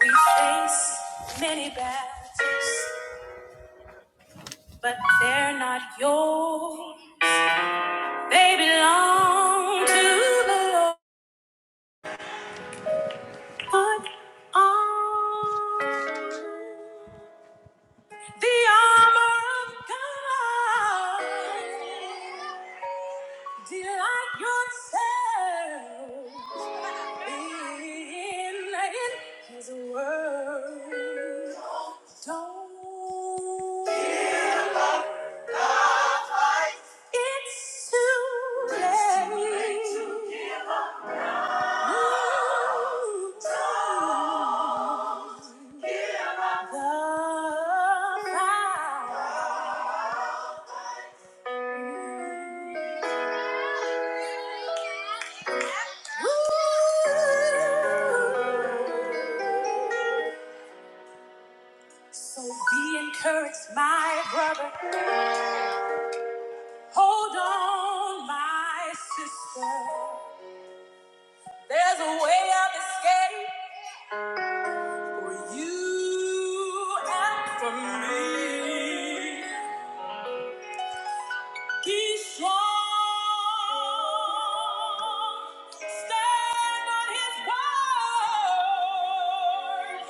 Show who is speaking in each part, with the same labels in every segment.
Speaker 1: We face many battles, but they're not yours. They belong to the Lord. Put on the armor of God. Delight yourself in, in His word. Don't It's too late. Ooh, the fire. Ooh. So be encouraged, my brother. Hold on, my sister. There's a way of escape. For you and for me, he's strong. Stand on his word.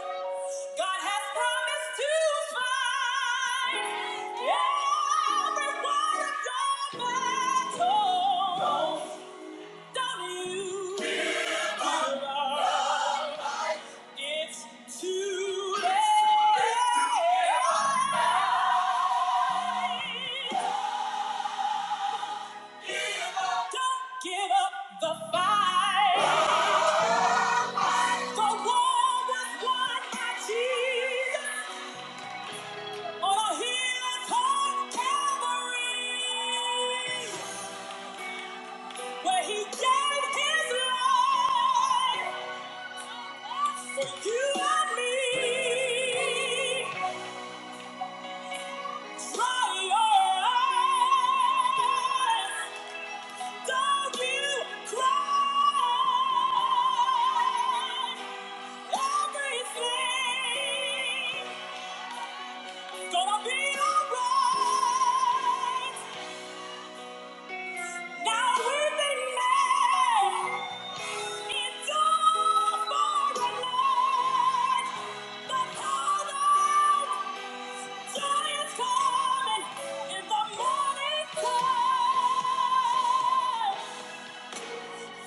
Speaker 1: God has promised to fight every war of your battle. Don't give up. It's too late. Don't give up the fight. The war was won by Jesus on a hill called Calvary, where He gave His life. For you and me, triumph. Don't you cry. Everything's gonna be alright. Now we've been made. It's all for the Lord. The power, joy is coming in the morning time.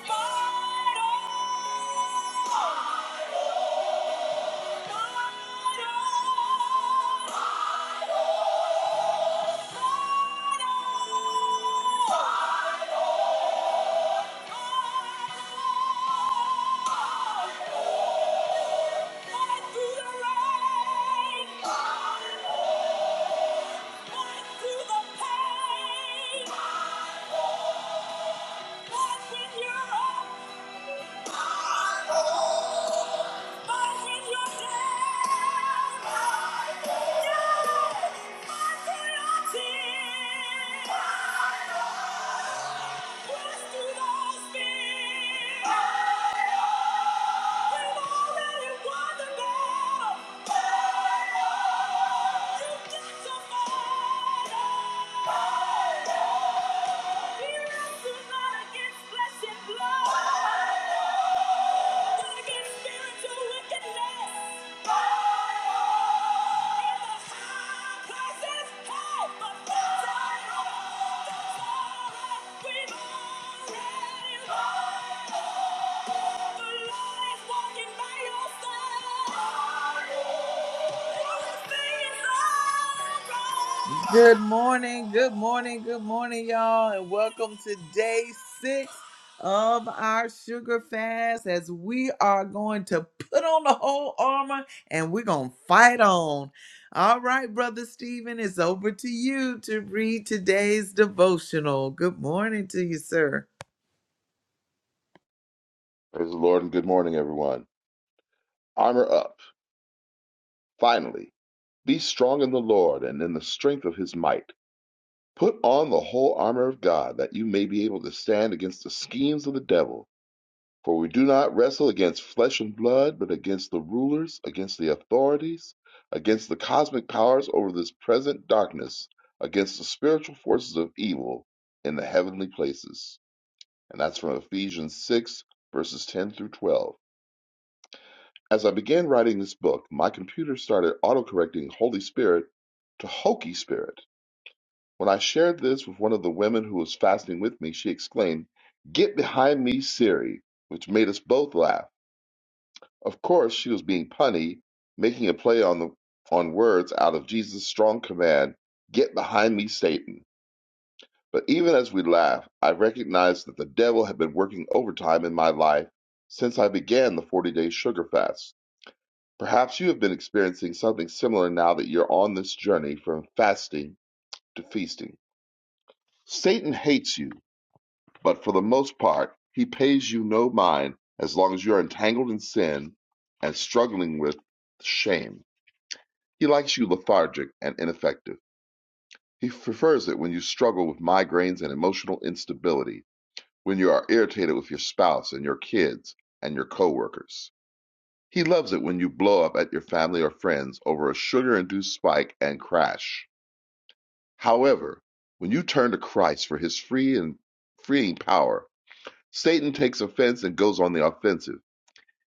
Speaker 1: Fight on, fight on, fight on. the We've already won Yeah. We've already Oh! Good morning, good morning, good morning, y'all, and welcome to day six of our sugar fast as we are going to put on the whole armor and we're going to fight on. All right, Brother Stephen, it's over to you to read today's devotional. Good morning to you, sir.
Speaker 2: Praise the Lord and good morning, everyone. Armor up. Finally, be strong in the Lord and in the strength of his might. Put on the whole armor of God that you may be able to stand against the schemes of the devil. For we do not wrestle against flesh and blood, but against the rulers, against the authorities, against the cosmic powers over this present darkness, against the spiritual forces of evil in the heavenly places. And that's from Ephesians 6, verses 10 through 12. As I began writing this book, my computer started autocorrecting Holy Spirit to Hokey Spirit. When I shared this with one of the women who was fasting with me, she exclaimed, Get behind me, Siri, which made us both laugh. Of course, she was being punny, making a play on the on words out of Jesus' strong command, Get behind me, Satan. But even as we laughed, I recognized that the devil had been working overtime in my life since I began the 40 day sugar fast. Perhaps you have been experiencing something similar now that you're on this journey from fasting to feasting. Satan hates you, but for the most part, he pays you no mind as long as you're entangled in sin and struggling with shame. He likes you lethargic and ineffective. He prefers it when you struggle with migraines and emotional instability, when you are irritated with your spouse and your kids and your coworkers He loves it when you blow up at your family or friends over a sugar induced spike and crash. However, when you turn to Christ for his free and freeing power, Satan takes offense and goes on the offensive.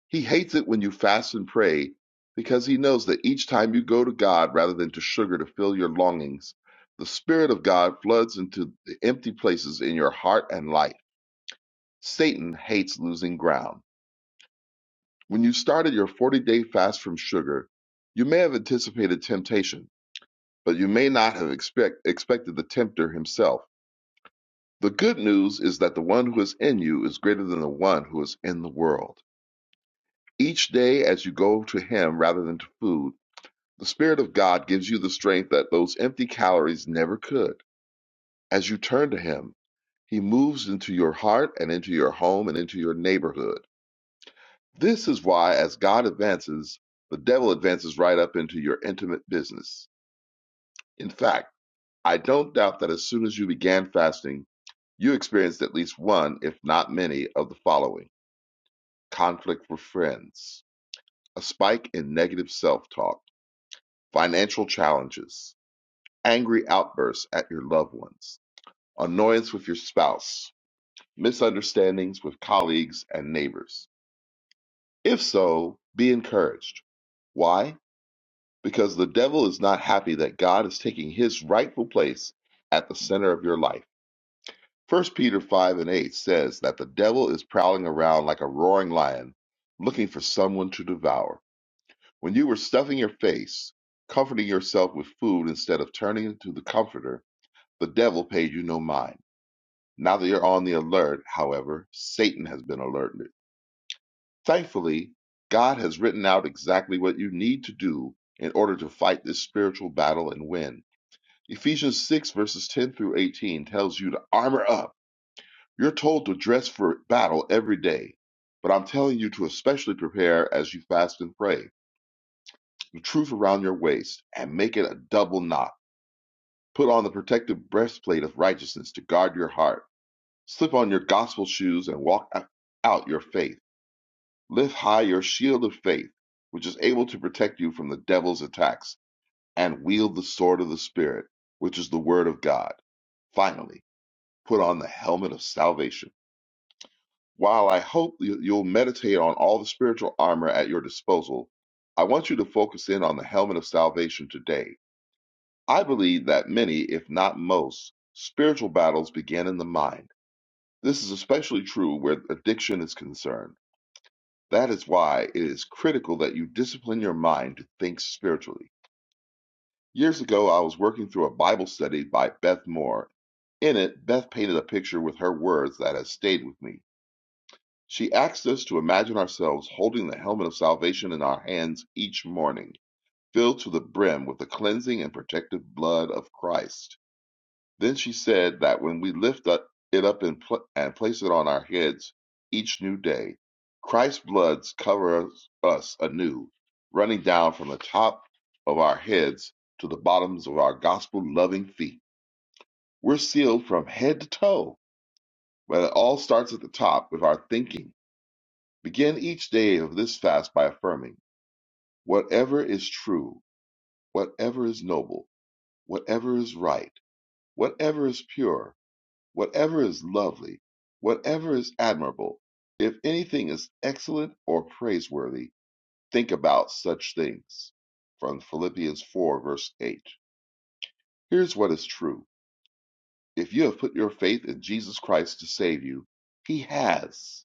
Speaker 2: He hates it when you fast and pray because he knows that each time you go to God rather than to sugar to fill your longings, the Spirit of God floods into the empty places in your heart and life. Satan hates losing ground. When you started your 40 day fast from sugar, you may have anticipated temptation, but you may not have expect, expected the tempter himself. The good news is that the one who is in you is greater than the one who is in the world. Each day, as you go to him rather than to food, the Spirit of God gives you the strength that those empty calories never could. As you turn to him, he moves into your heart and into your home and into your neighborhood. This is why, as God advances, the devil advances right up into your intimate business. In fact, I don't doubt that as soon as you began fasting, you experienced at least one, if not many, of the following conflict with friends, a spike in negative self talk, financial challenges, angry outbursts at your loved ones, annoyance with your spouse, misunderstandings with colleagues and neighbors. If so, be encouraged. Why? because the devil is not happy that God is taking his rightful place at the center of your life. First Peter 5 and 8 says that the devil is prowling around like a roaring lion, looking for someone to devour. When you were stuffing your face, comforting yourself with food instead of turning to the comforter, the devil paid you no mind. Now that you're on the alert, however, Satan has been alerted. Thankfully, God has written out exactly what you need to do in order to fight this spiritual battle and win. Ephesians 6, verses 10 through 18 tells you to armor up. You're told to dress for battle every day, but I'm telling you to especially prepare as you fast and pray. The truth around your waist and make it a double knot. Put on the protective breastplate of righteousness to guard your heart. Slip on your gospel shoes and walk out your faith. Lift high your shield of faith, which is able to protect you from the devil's attacks, and wield the sword of the Spirit, which is the word of God. Finally, put on the helmet of salvation. While I hope you- you'll meditate on all the spiritual armor at your disposal, I want you to focus in on the helmet of salvation today. I believe that many, if not most, spiritual battles begin in the mind. This is especially true where addiction is concerned. That is why it is critical that you discipline your mind to think spiritually. Years ago, I was working through a Bible study by Beth Moore. In it, Beth painted a picture with her words that has stayed with me. She asks us to imagine ourselves holding the helmet of salvation in our hands each morning, filled to the brim with the cleansing and protective blood of Christ. Then she said that when we lift up, it up and, pl- and place it on our heads each new day, Christ's blood covers us anew, running down from the top of our heads to the bottoms of our gospel loving feet. We're sealed from head to toe, but it all starts at the top with our thinking Begin each day of this fast by affirming whatever is true, whatever is noble, whatever is right, whatever is pure, whatever is lovely, whatever is admirable. If anything is excellent or praiseworthy, think about such things. From Philippians 4, verse 8. Here's what is true. If you have put your faith in Jesus Christ to save you, He has.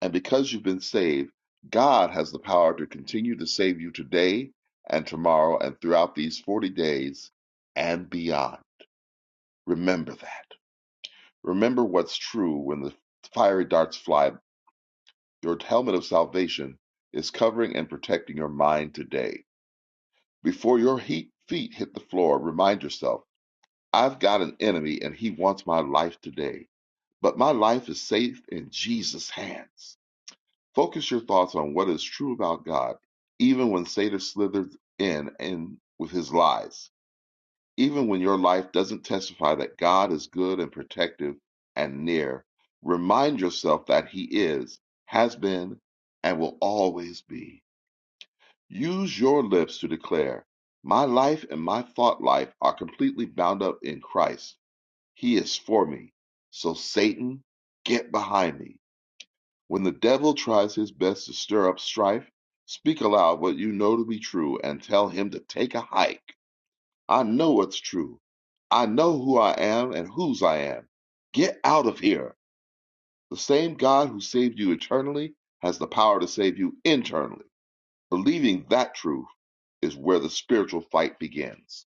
Speaker 2: And because you've been saved, God has the power to continue to save you today and tomorrow and throughout these 40 days and beyond. Remember that. Remember what's true when the fiery darts fly. Your helmet of salvation is covering and protecting your mind today. Before your heat, feet hit the floor, remind yourself I've got an enemy and he wants my life today. But my life is safe in Jesus' hands. Focus your thoughts on what is true about God, even when Satan slithers in and with his lies, even when your life doesn't testify that God is good and protective and near. Remind yourself that He is, has been, and will always be. Use your lips to declare, My life and my thought life are completely bound up in Christ. He is for me. So, Satan, get behind me. When the devil tries his best to stir up strife, speak aloud what you know to be true and tell him to take a hike. I know what's true. I know who I am and whose I am. Get out of here. The same God who saved you eternally has the power to save you internally. Believing that truth is where the spiritual fight begins.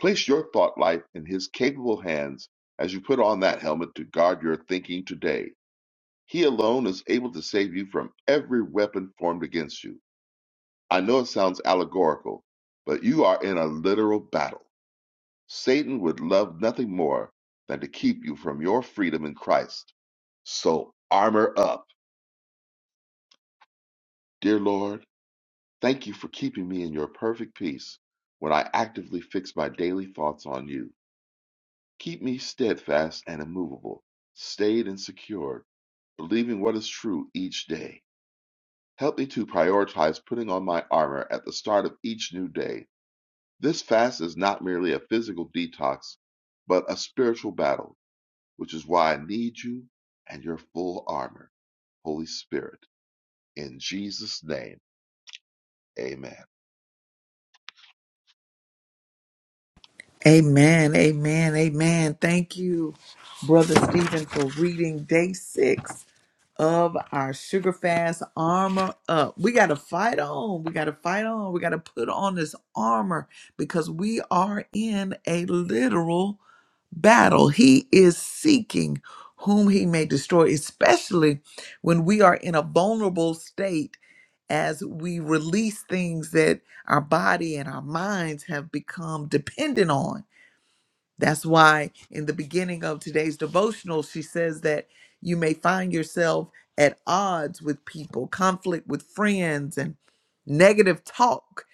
Speaker 2: Place your thought life in his capable hands as you put on that helmet to guard your thinking today. He alone is able to save you from every weapon formed against you. I know it sounds allegorical, but you are in a literal battle. Satan would love nothing more than to keep you from your freedom in Christ. So armor up. Dear Lord, thank you for keeping me in your perfect peace when I actively fix my daily thoughts on you. Keep me steadfast and immovable, stayed and secured, believing what is true each day. Help me to prioritize putting on my armor at the start of each new day. This fast is not merely a physical detox, but a spiritual battle, which is why I need you and your full armor, Holy Spirit. In Jesus' name, amen.
Speaker 1: Amen, amen, amen. Thank you, Brother Stephen, for reading day six of our Sugar Fast Armor Up. We got to fight on. We got to fight on. We got to put on this armor because we are in a literal battle. He is seeking whom he may destroy, especially when we are in a vulnerable state as we release things that our body and our minds have become dependent on that's why in the beginning of today's devotional, she says that you may find yourself at odds with people, conflict with friends, and negative talk,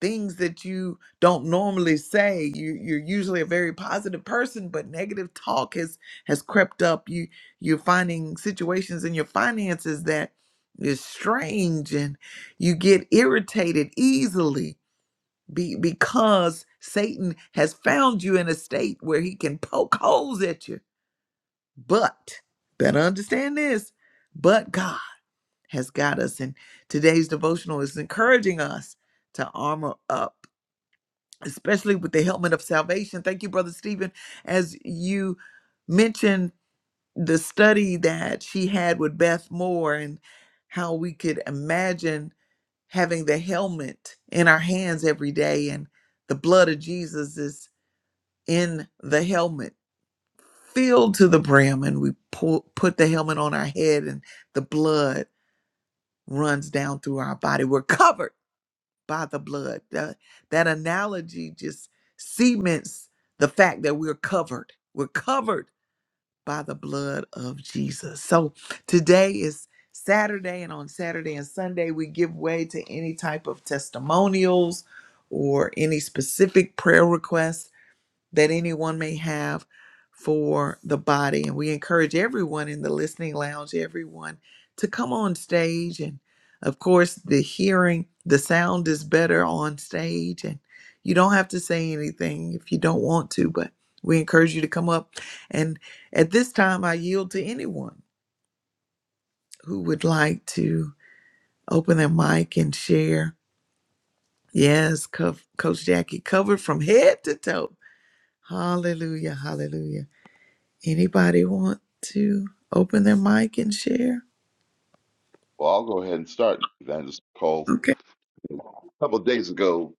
Speaker 1: things that you don't normally say. You, you're usually a very positive person, but negative talk has has crept up. You you're finding situations in your finances that is strange, and you get irritated easily be, because Satan has found you in a state where he can poke holes at you. But, better understand this, but God has got us. And today's devotional is encouraging us to armor up, especially with the helmet of salvation. Thank you, Brother Stephen, as you mentioned the study that she had with Beth Moore and how we could imagine having the helmet in our hands every day and the blood of Jesus is. in the helmet, filled to the brim, and we pull, put the helmet on our head, and the blood runs down through our body. We're covered by the blood. That, that analogy just cements the fact that we're covered. We're covered by the blood of Jesus. So today is Saturday, and on Saturday and Sunday, we give way to any type of testimonials or any specific prayer requests that anyone may have for the body. And we encourage everyone in the listening lounge, everyone to come on stage. And of course, the hearing, the sound is better on stage. And you don't have to say anything if you don't want to, but we encourage you to come up. And at this time, I yield to anyone who would like to open their mic and share. Yes, Co- Coach Jackie covered from head to toe. Hallelujah, hallelujah. Anybody want to open their mic and share?
Speaker 2: Well, I'll go ahead and start. Evangelist Cole,
Speaker 1: Okay.
Speaker 2: a couple of days ago,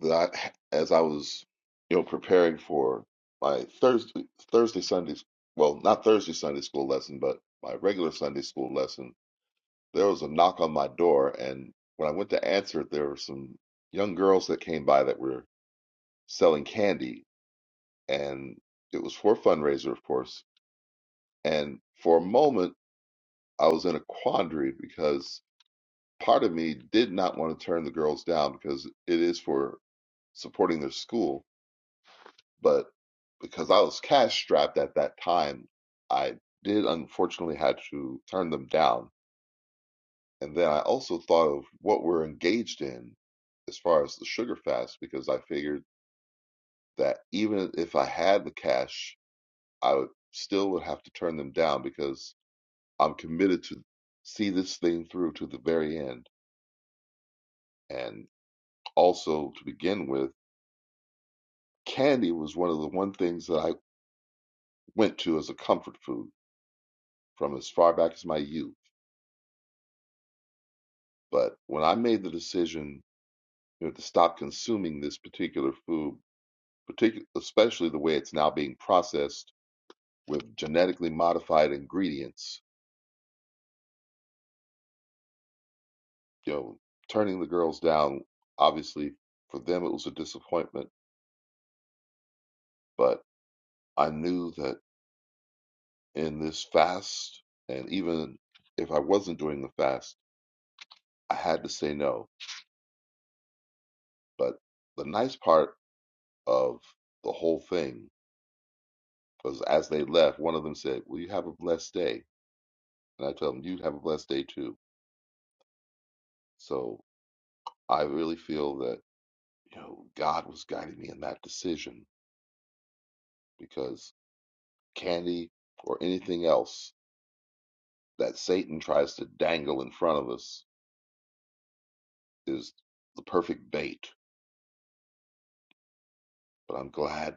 Speaker 2: that I, as I was, you know, preparing for my Thursday, Thursday, Sunday, well, not Thursday Sunday school lesson, but my regular Sunday school lesson there was a knock on my door, and when I went to answer it, there were some young girls that came by that were selling candy, and it was for a fundraiser, of course. And for a moment, I was in a quandary because part of me did not want to turn the girls down because it is for supporting their school, but because I was cash strapped at that time, I did unfortunately had to turn them down And then I also thought of what we're engaged in as far as the sugar fast, because I figured that even if I had the cash, I would still would have to turn them down because I'm committed to see this thing through to the very end. And also to begin with, candy was one of the one things that I went to as a comfort food from as far back as my youth. But when I made the decision you know, to stop consuming this particular food, particular, especially the way it's now being processed with genetically modified ingredients. You know, turning the girls down, obviously for them it was a disappointment, but I knew that in this fast, and even if I wasn't doing the fast, I had to say no. But the nice part of the whole thing was as they left, one of them said, Well, you have a blessed day. And I tell them, You have a blessed day too. So I really feel that, you know, God was guiding me in that decision because. candy, or anything else that Satan tries to dangle in front of us is the perfect bait. But I'm glad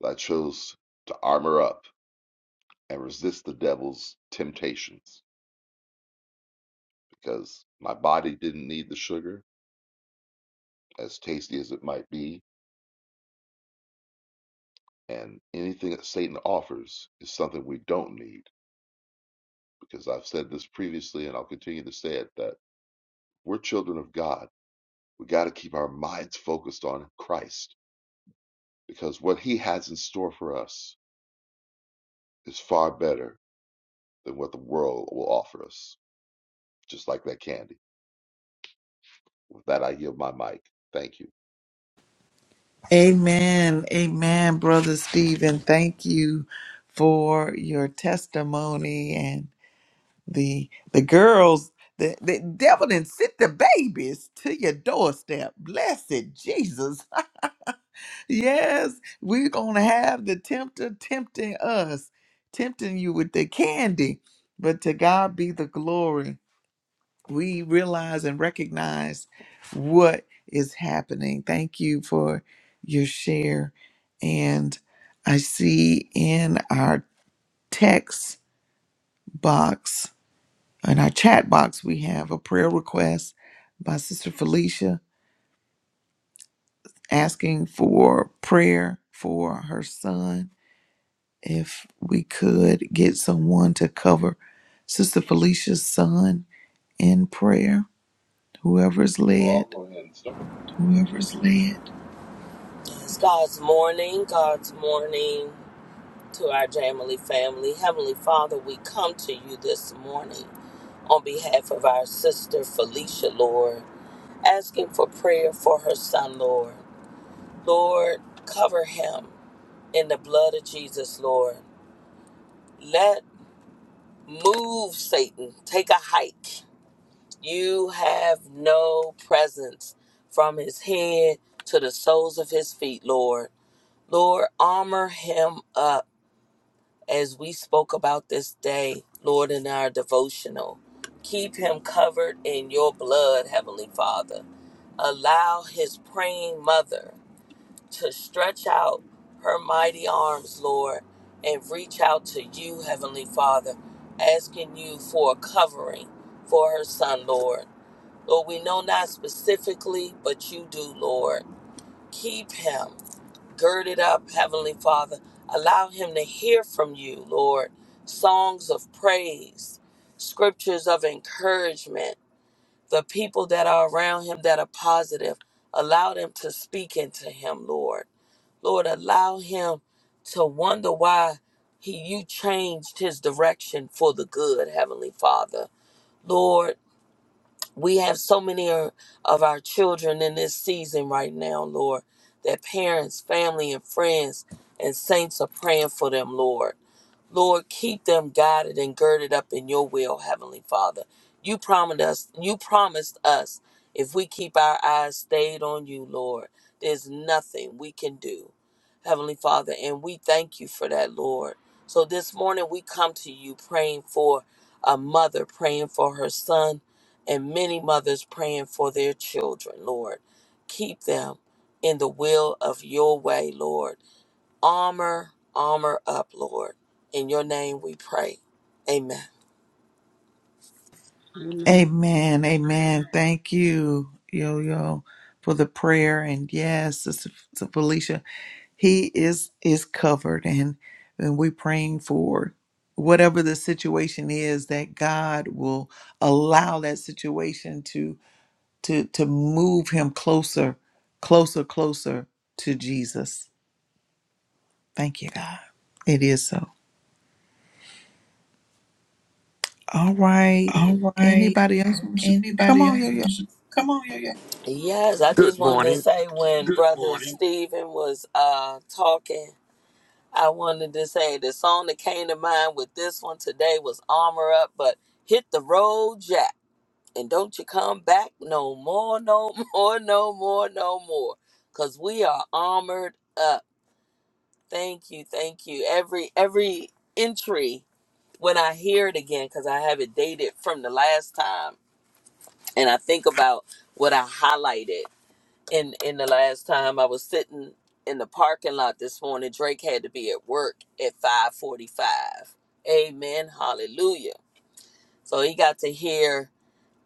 Speaker 2: that I chose to armor up and resist the devil's temptations because my body didn't need the sugar, as tasty as it might be. And anything that Satan offers is something we don't need because I've said this previously and I'll continue to say it that we're children of God. We got to keep our minds focused on Christ because what he has in store for us is far better than what the world will offer us, just like that candy. With that, I yield my mic. Thank you.
Speaker 1: Amen. Amen, Brother Stephen. Thank you for your testimony and the the girls. The, the devil didn't sit the babies to your doorstep. Blessed Jesus. yes, we're going to have the tempter tempting us, tempting you with the candy. But to God be the glory. we realize and recognize what is happening. Thank you for your share. And I see in our text box, in our chat box, we have a prayer request by Sister Felicia asking for prayer for her son. If we could get someone to cover Sister Felicia's son in prayer, whoever is
Speaker 3: Well,
Speaker 1: led.
Speaker 3: I'll go ahead and start. Whoever's led. God's morning, God's morning to our Jamily family. Heavenly Father, we come to you this morning on behalf of our sister Felicia, Lord, asking for prayer for her son, Lord. Lord, cover him in the blood of Jesus, Lord. Let move Satan, take a hike. You have no presence from his head to the soles of his feet, Lord. Lord, armor him up as we spoke about this day, Lord, in our devotional. Keep him covered in your blood, Heavenly Father. Allow his praying mother to stretch out her mighty arms, Lord, and reach out to you, Heavenly Father, asking you for a covering for her son, Lord. Lord, we know not specifically, but you do, Lord. Keep him girded up, Heavenly Father. Allow him to hear from you, Lord. Songs of praise, scriptures of encouragement, the people that are around him that are positive. Allow them to speak into him, Lord. Lord, allow him to wonder why he you changed his direction for the good, Heavenly Father. Lord, we have so many of of our children in this season right now, Lord, that parents, family, and friends and saints are praying for them, Lord. Lord, keep them guided and girded up in your will, Heavenly Father. You promised us, you promised us if we keep our eyes stayed on you, Lord, there's nothing we can do, Heavenly Father, and we thank you for that, Lord. So this morning we come to you praying for a mother praying for her son and many mothers praying for their children, Lord. Keep them in the will of your way, Lord armor, armor up, Lord. In your name we pray. Amen.
Speaker 4: Amen.
Speaker 1: Amen. Amen. Thank you, Yo Yo, for the prayer. And yes, Sister Sister Felicia, he is is covered, and and we're praying for whatever the situation is that God will allow that situation to to to move him closer, closer, closer to Jesus. Thank you, God. It is so. All right.
Speaker 3: All right.
Speaker 1: Anybody else? Come
Speaker 3: Anybody
Speaker 1: on, Yo Yo.
Speaker 3: else? Come on, yeah, yeah. Yes, I just
Speaker 5: Good
Speaker 3: wanted to
Speaker 5: morning.
Speaker 3: say when Good Brother morning. Stephen was uh talking, I wanted to say the song that came to mind with this one today was Armor Up, but hit the road, Jack, and don't you come back no more, no more, no more, no more. Cause we are armored up. Thank you, thank you. Every every entry when I hear it again, because I have it dated from the last time, and I think about what I highlighted in in the last time I was sitting in the parking lot this morning. Drake had to be at work at five forty five. Amen, hallelujah. So he got to hear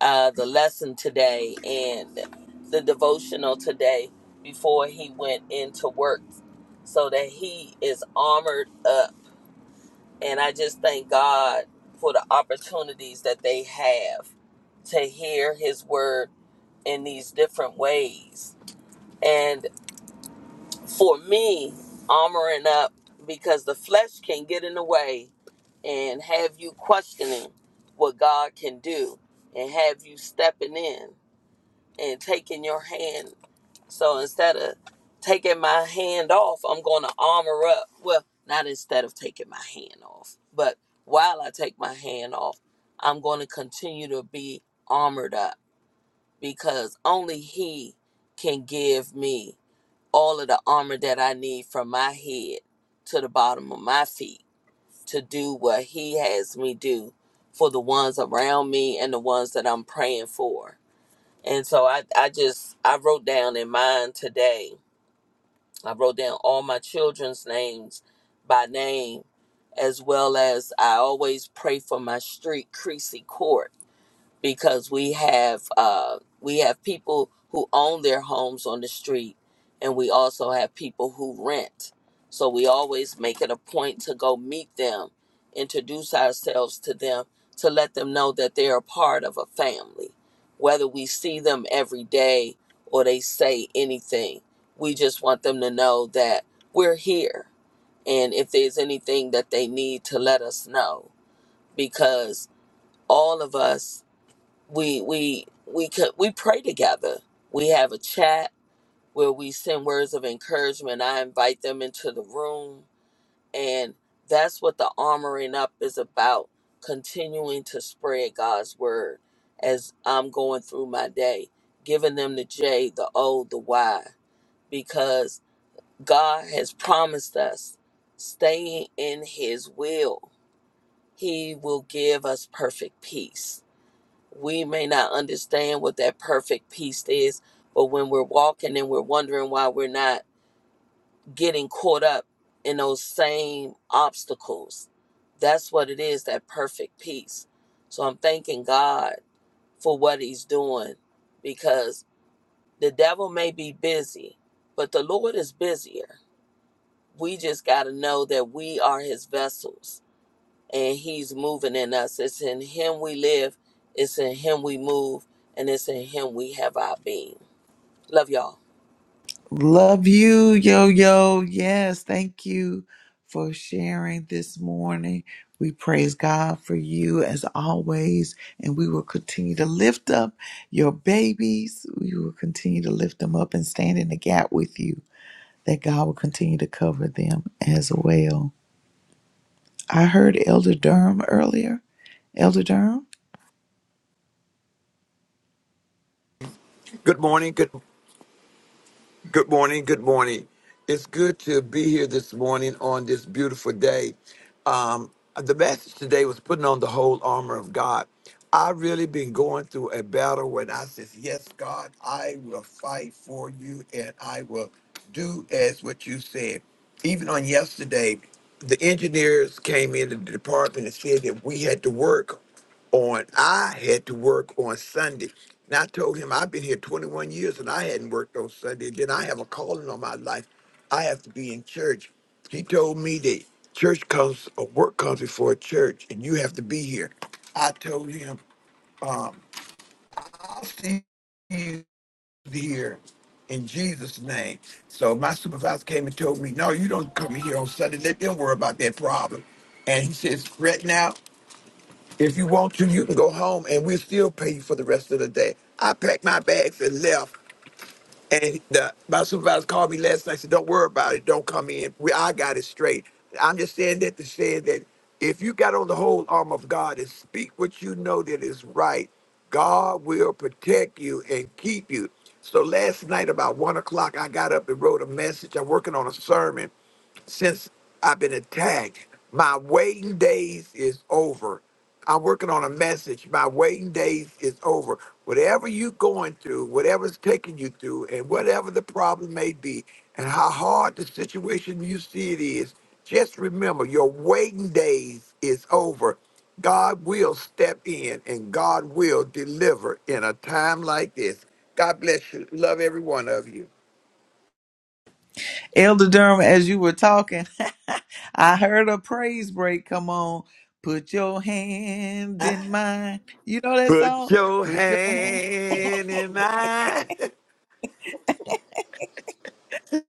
Speaker 3: uh, the lesson today and the devotional today before he went into work, so that he is armored up And I just thank God for the opportunities that they have to hear his word in these different ways. And for me, armoring up because the flesh can get in the way and have you questioning what God can do and have you stepping in and taking your hand so instead of taking my hand off, I'm going to armor up. Well, not instead of taking my hand off, but while I take my hand off, I'm going to continue to be armored up because only He can give me all of the armor that I need from my head to the bottom of my feet to do what He has me do for the ones around me and the ones that I'm praying for. And so I, I just I wrote down in mind today I wrote down all my children's names by name, as well as I always pray for my street, Creasy Court because we have uh, we have people who own their homes on the street, and we also have people who rent. So we always make it a point to go meet them, introduce ourselves to them, to let them know that they are part of a family. Whether we see them every day or they say anything, we just want them to know that we're here. And if there's anything that they need to let us know, because all of us we we we could we pray together. We have a chat where we send words of encouragement. I invite them into the room, and that's what the armoring up is about. Continuing to spread God's word as I'm going through my day, giving them the J, the O, the Y, because God has promised us staying in His will. He will give us perfect peace we may not understand what that perfect peace is, but when we're walking and we're wondering why we're not getting caught up in those same obstacles, that's what it is that perfect peace. So I'm thanking God for what He's doing because the devil may be busy, but the Lord is busier. We just got to know that we are His vessels and he's moving in us. It's in him we live, it's in him we move, and it's in him we have our being. Love y'all.
Speaker 1: Love you, yo, yo. Yes, thank you for sharing this morning. We praise God for you as always, and we will continue to lift up your babies. We will continue to lift them up and stand in the gap with you, that God will continue to cover them as well. I heard Elder Durham earlier. Elder Durham?
Speaker 5: Good morning. Good good morning. Good morning. It's good to be here this morning on this beautiful day. Um, the message today was putting on the whole armor of God. I really been going through a battle when I says, "Yes, God, I will fight for you, and I will do as what you said." Even on yesterday, the engineers came in the department and said that we had to work. on I had to work on Sunday. And I told him I've been here 21 years and I hadn't worked on Sunday. Then I have a calling on my life. I have to be in church. He told me that church comes or work comes before church and you have to be here. I told him, I'll see you here in Jesus' name. So my supervisor came and told me, No, you don't come here on Sunday. Let them worry about that problem. And he says, Right now, If you want to, you can go home and we'll still pay you for the rest of the day. I packed my bags and left. And the, my supervisor called me last night and said, Don't worry about it. Don't come in. We, I got it straight. I'm just saying that to say that if you got on the whole arm of God and speak what you know that is right, God will protect you and keep you. So last night, about one o'clock, I got up and wrote a message. I'm working on a sermon since I've been attacked. My waiting days is over. I'm working on a message. My waiting days is over. Whatever you're going through, whatever's taking you through, and whatever the problem may be, and how hard the situation you see it is, just remember your waiting days is over. God will step in and God will deliver in a time like this. God bless you. Love every one of you.
Speaker 1: Elder Durham, as you were talking, I heard a praise break come on. Put your hand in mine. You know that song?
Speaker 5: Put your
Speaker 1: Put your hand.
Speaker 5: hand in mine.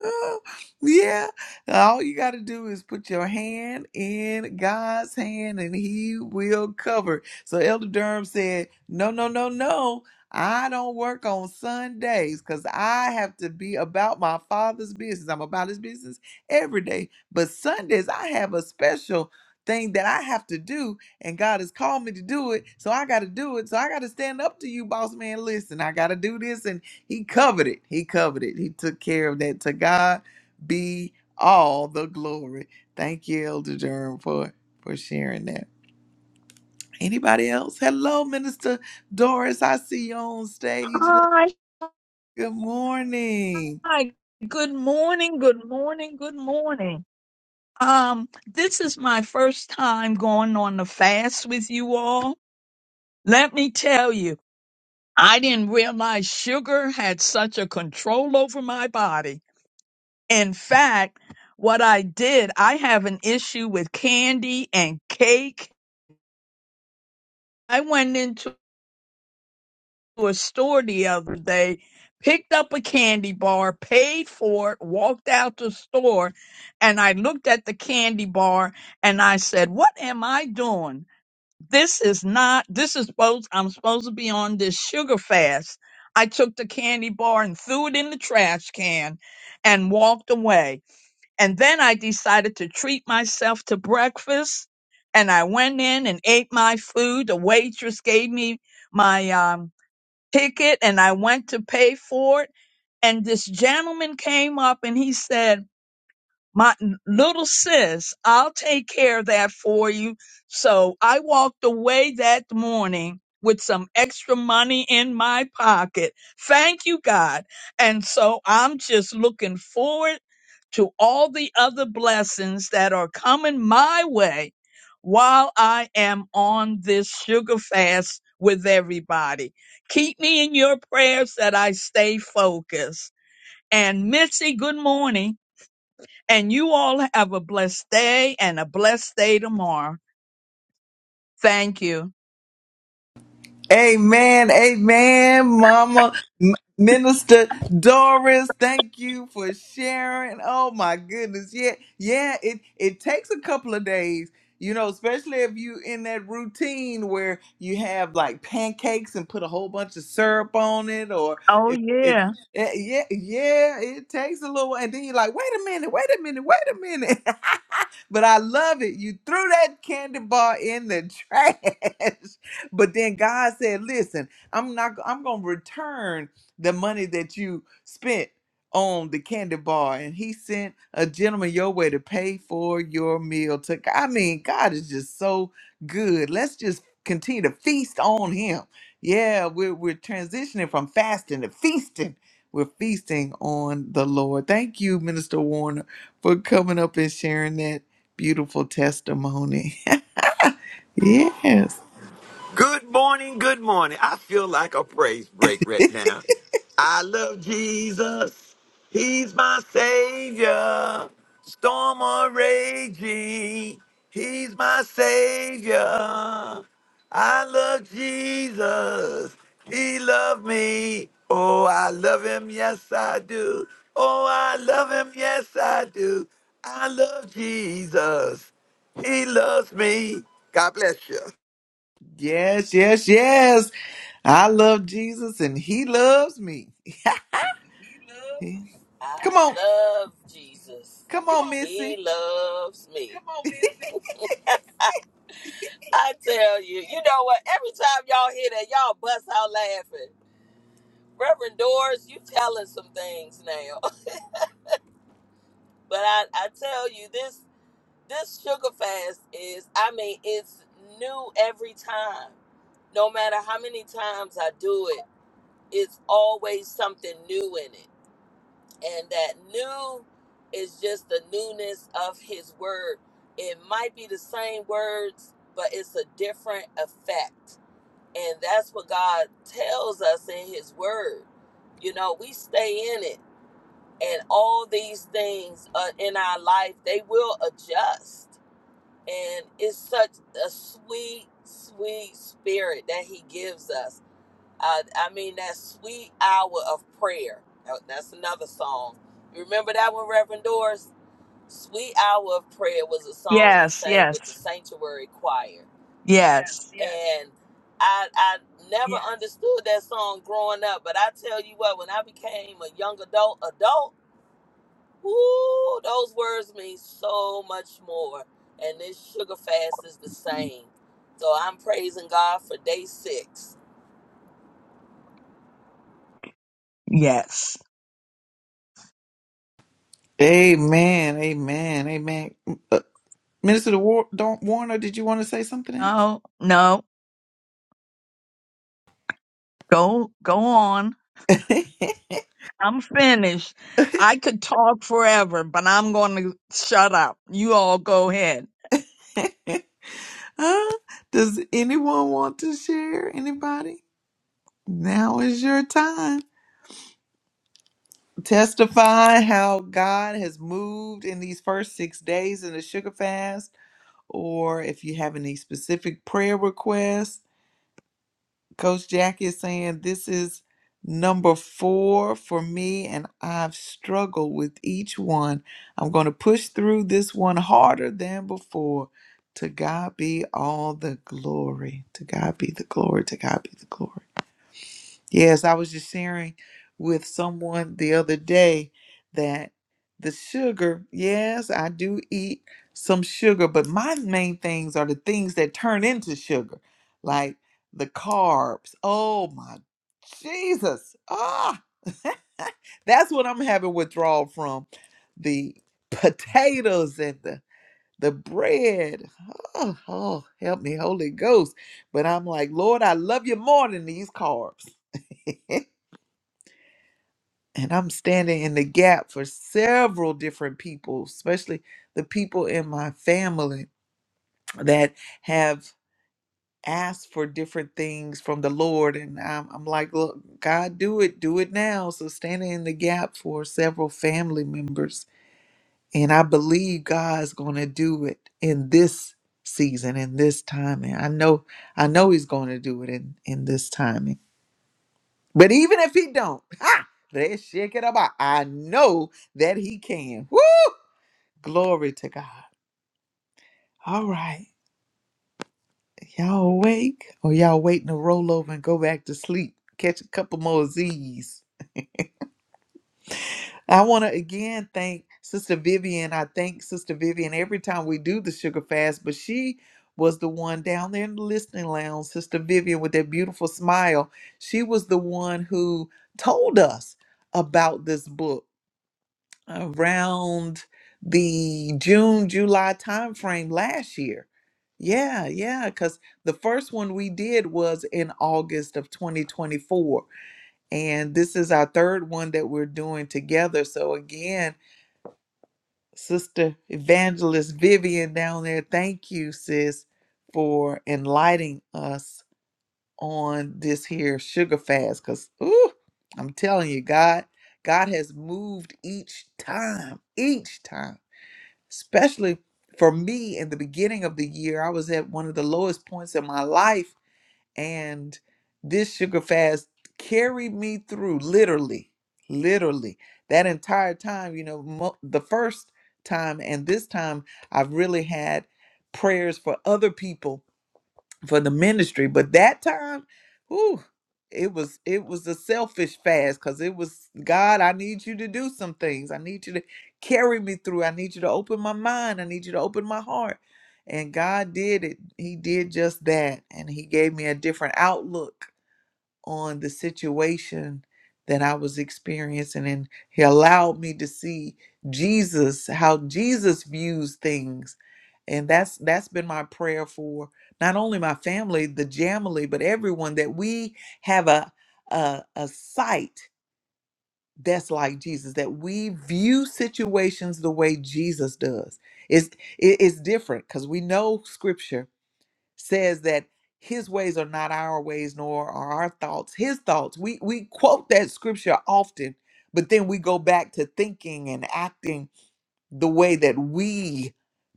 Speaker 1: Uh, yeah. All you got to do is put your hand in God's hand and he will cover. So Elder Durham said, No, no, no, no. I don't work on Sundays because I have to be about my father's business. I'm about his business every day. But Sundays, I have a special thing that I have to do, and God has called me to do it. So I got to do it. So I got to stand up to you, boss man. Listen, I got to do this. He covered it. He covered it. He took care of that. To God be all the glory. Thank you, Elder Durham, for for sharing that. Anybody else? Hello, Minister Doris. I see you on stage. Lo-
Speaker 6: Hi,
Speaker 1: Good morning.
Speaker 6: hi. Good morning, good morning, good morning. Um, this is my first time going on the fast with you all. Let me tell you, I didn't realize sugar had such a control over my body. In fact, what I did, I have an issue with candy and cake. I went into to a store the other day, picked up a candy bar, paid for it, walked out the store, and I looked at the candy bar and I said, What am I doing? This is not, this is supposed, I'm supposed to be on this sugar fast. I took the candy bar and threw it in the trash can and walked away. And then I decided to treat myself to breakfast. And I went in and ate my food. The waitress gave me my um, ticket and I went to pay for it. And this gentleman came up and he said, my little sis, I'll take care of that for you. So I walked away that morning with some extra money in my pocket. Thank you, God. And so I'm just looking forward to all the other blessings that are coming my way while I am on this sugar fast with everybody. Keep me in your prayers that I stay focused. And Missy, good morning. And you all have a blessed day and a blessed day tomorrow. Thank you.
Speaker 1: Amen, amen, Mama M- Minister Doris. Thank you for sharing. Oh my goodness, yeah, yeah. It it takes a couple of days, you know, especially if you in that routine where you have like pancakes and put a whole bunch of syrup on it, or
Speaker 6: Oh,
Speaker 1: if if
Speaker 6: yeah.
Speaker 1: eh, yeah, yeah, it takes a little, and then you're like, wait a minute, wait a minute, wait a minute. but I love it. You threw that candy bar in the trash. But then God said, "Listen, I'm not. I'm gonna return the money that you spent on the candy bar." And He sent a gentleman your way to pay for your meal. To I mean, God is just so good. Let's just continue to feast on Him. Yeah, we're we're transitioning from fasting to feasting. We're feasting on the Lord. Thank you, Minister Warner, for coming up and sharing that beautiful testimony. yes.
Speaker 5: Good morning, good morning. I feel like a praise break right now. I love Jesus. He's my savior. Storm or raging. He's my savior. I love Jesus. He loved me. Oh, I love him. Yes, I do. Oh, I love him. Yes, I do. I love Jesus. He loves me. God bless you.
Speaker 1: Yes, yes, yes. I love Jesus and he loves me.
Speaker 3: He loves.
Speaker 1: He-
Speaker 3: I
Speaker 1: Come on.
Speaker 3: love Jesus.
Speaker 1: Come
Speaker 3: Come
Speaker 1: on,
Speaker 3: and on. He
Speaker 1: Missy.
Speaker 3: loves me. Come on, Missy. I tell you, you know what? Every time y'all hear that, y'all bust out laughing. Reverend Doors, you telling some things now. But I, I tell you this this sugar fast is i mean it's new every time no matter how many times i do it it's always something new in it and that new is just the newness of his word it might be the same words but it's a different effect and that's what god tells us in his word you know we stay in it and all these things uh, in our life they will adjust and it's such a sweet, sweet spirit that He gives us. Uh, I mean, that sweet hour of prayer. Now, That's another song. You remember that one, Reverend Doris? Sweet Hour of Prayer was a song we
Speaker 6: Yes,
Speaker 3: sang with the
Speaker 6: yes,
Speaker 3: Sanctuary Choir.
Speaker 6: yes,
Speaker 3: Yes, yes. And I, I never Yes. understood that song growing up, but I tell you what, when I became a young adult, adult. Ooh, those words mean so much more. And this sugar fast is the same. So I'm praising God for day six.
Speaker 6: yes.
Speaker 1: Amen. Amen. Amen. Uh, Minister to War- Don- Warner, did you want to say something else?
Speaker 6: No, no. Go, go on. I'm finished. I could talk forever, but I'm going to shut up. You all go ahead.
Speaker 1: Huh? Does anyone want to share? Anybody? Now is your time. Testify how God has moved in these first six days in the sugar fast, or if you have any specific prayer requests Coach Jackie is saying this is number four for me, and I've struggled with each one. I'm going to push through this one harder than before. To God be all the glory. To God be the glory. To God be the glory. Yes, I was just sharing with someone the other day that the sugar, yes, I do eat some sugar, but my main things are the things that turn into sugar, like the carbs. Oh my Jesus. Ah, that's what I'm having withdrawal from. The potatoes and the the bread. Oh, oh, help me, Holy Ghost. But I'm like, Lord, I love you more than these carbs. and I'm standing in the gap for several different people, especially the people in my family that have asked for different things from the Lord. And I'm, I'm like, look, God, do it, do it now. So standing in the gap for several family members. And I believe God's going to do it in this season in this time and i know i know he's going to do it in in this time but even if he don't, ha, let's shake it up. I I know that he can. Woo! Glory to God. All right. Y'all awake? Or y'all waiting to roll over and go back to sleep? Catch a couple more Z's. I want to again thank Sister Vivian. I thank Sister Vivian every time we do the sugar fast, but she was the one down there in the listening lounge, Sister Vivian with that beautiful smile. She was the one who told us about this book around the June, July timeframe last year. Yeah, yeah, because the first one we did was in August of 2024. And this is our third one that we're doing together. So, again, Sister Evangelist Vivian down there, thank you, sis, for enlightening us on this here sugar fast. Because, ooh, I'm telling you, God, God has moved each time, each time especially for me in the beginning of the year, I was at one of the lowest points in my life. And this sugar fast carried me through literally, literally that entire time. You know, mo- the first time and this time, I've really had prayers for other people for the ministry. But that time, whew, it was it was a selfish fast because it was God, I need you to do some things. I need you to carry me through. I need you to open my mind. I need you to open my heart. And God did it. He did just that. And he gave me a different outlook on the situation that I was experiencing. And he allowed me to see Jesus, how Jesus views things and that's that's been my prayer for not only my family the jamily but everyone that we have a a, a sight that's like jesus that we view situations the way jesus does it's it- it's different because we know scripture says that his ways are not our ways nor are our thoughts his thoughts we we quote that scripture often but then we go back to thinking and acting the way that we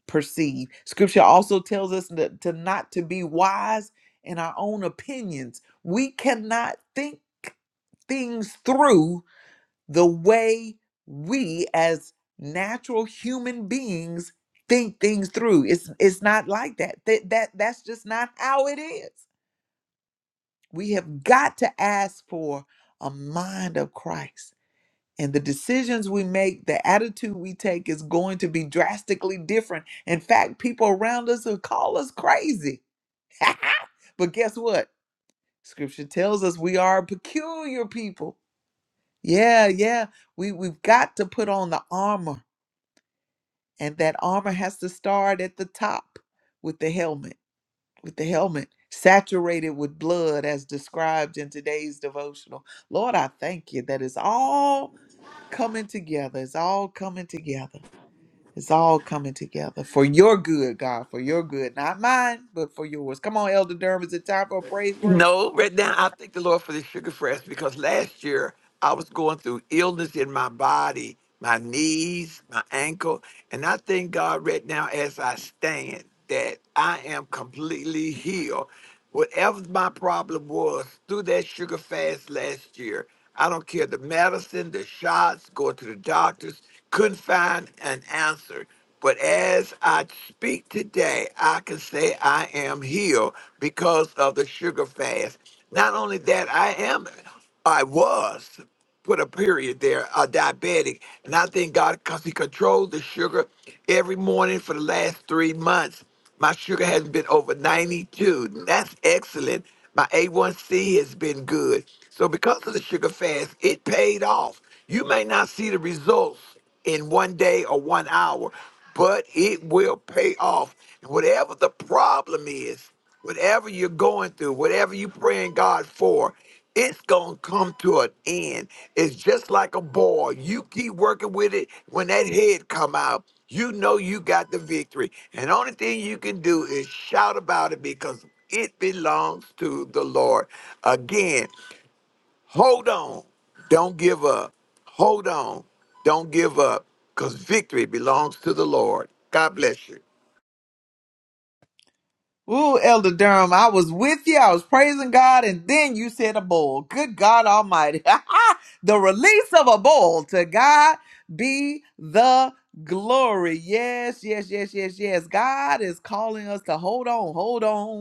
Speaker 1: perceive. Scripture also tells us that to not to be wise in our own opinions. We cannot think things through the way we as natural human beings think things through. It's it's not like that. That, that that's just not how it is. We have got to ask for a mind of Christ and the decisions we make, the attitude we take is going to be drastically different. In fact, people around us will call us crazy. but guess what? Scripture tells us we are a peculiar people. Yeah, yeah. We we've got to put on the armor. And that armor has to start at the top with the helmet, with the helmet saturated with blood as described in today's devotional. Lord, I thank you that it's all coming together. It's all coming together. It's all coming together for your good, God, for your good, not mine, but for yours. Come on, Elder Durham. Is it time for a praise break?
Speaker 5: No, right now I thank the Lord for the sugar fresh because last year I was going through illness in my body, my knees, my ankle, and I thank God right now as I stand that I am completely healed. Whatever my problem was through that sugar fast last year, I don't care the medicine, the shots, going to the doctors couldn't find an answer. But as I speak today, I can say I am healed because of the sugar fast. Not only that, I am, I was, put a period there, a diabetic. And I thank God because He controlled the sugar every morning for the last three months. My sugar has been over 92. and That's excellent. My A1C has been good. So, because of the sugar fast, it paid off. You may not see the results in one day or one hour, but it will pay off. And whatever the problem is, whatever you're going through, whatever you're praying God for, it's gonna come to an end. It's just like a ball. You keep working with it. When that head come out, you know you got the victory. And only thing you can do is shout about it because it belongs to the Lord. Again, Hold on. Don't give up. Hold on. Don't give up because victory belongs to the Lord. God bless you.
Speaker 1: Ooh, Elder Durham, I was with you. I was praising God, and then you said a bull. Good God Almighty. the release of a bull. To God be the glory. Yes, yes, yes, yes, yes. God is calling us to hold on, hold on.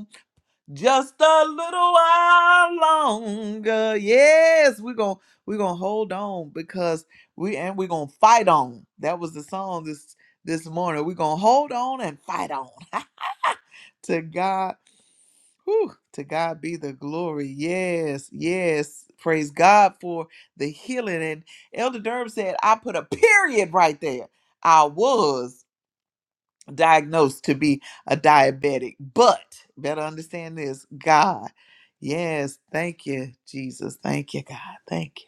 Speaker 1: just a little while longer. Yes, we're gonna we're gonna hold on because we and we're gonna fight on. That was the song this this morning. We're gonna hold on and fight on. to God, whew, to God be the glory. Yes, yes. Praise God for the healing. And Elder Durham said, I put a period right there. I was diagnosed to be a diabetic. But better understand this God, yes, thank you, Jesus. Thank you, God. Thank you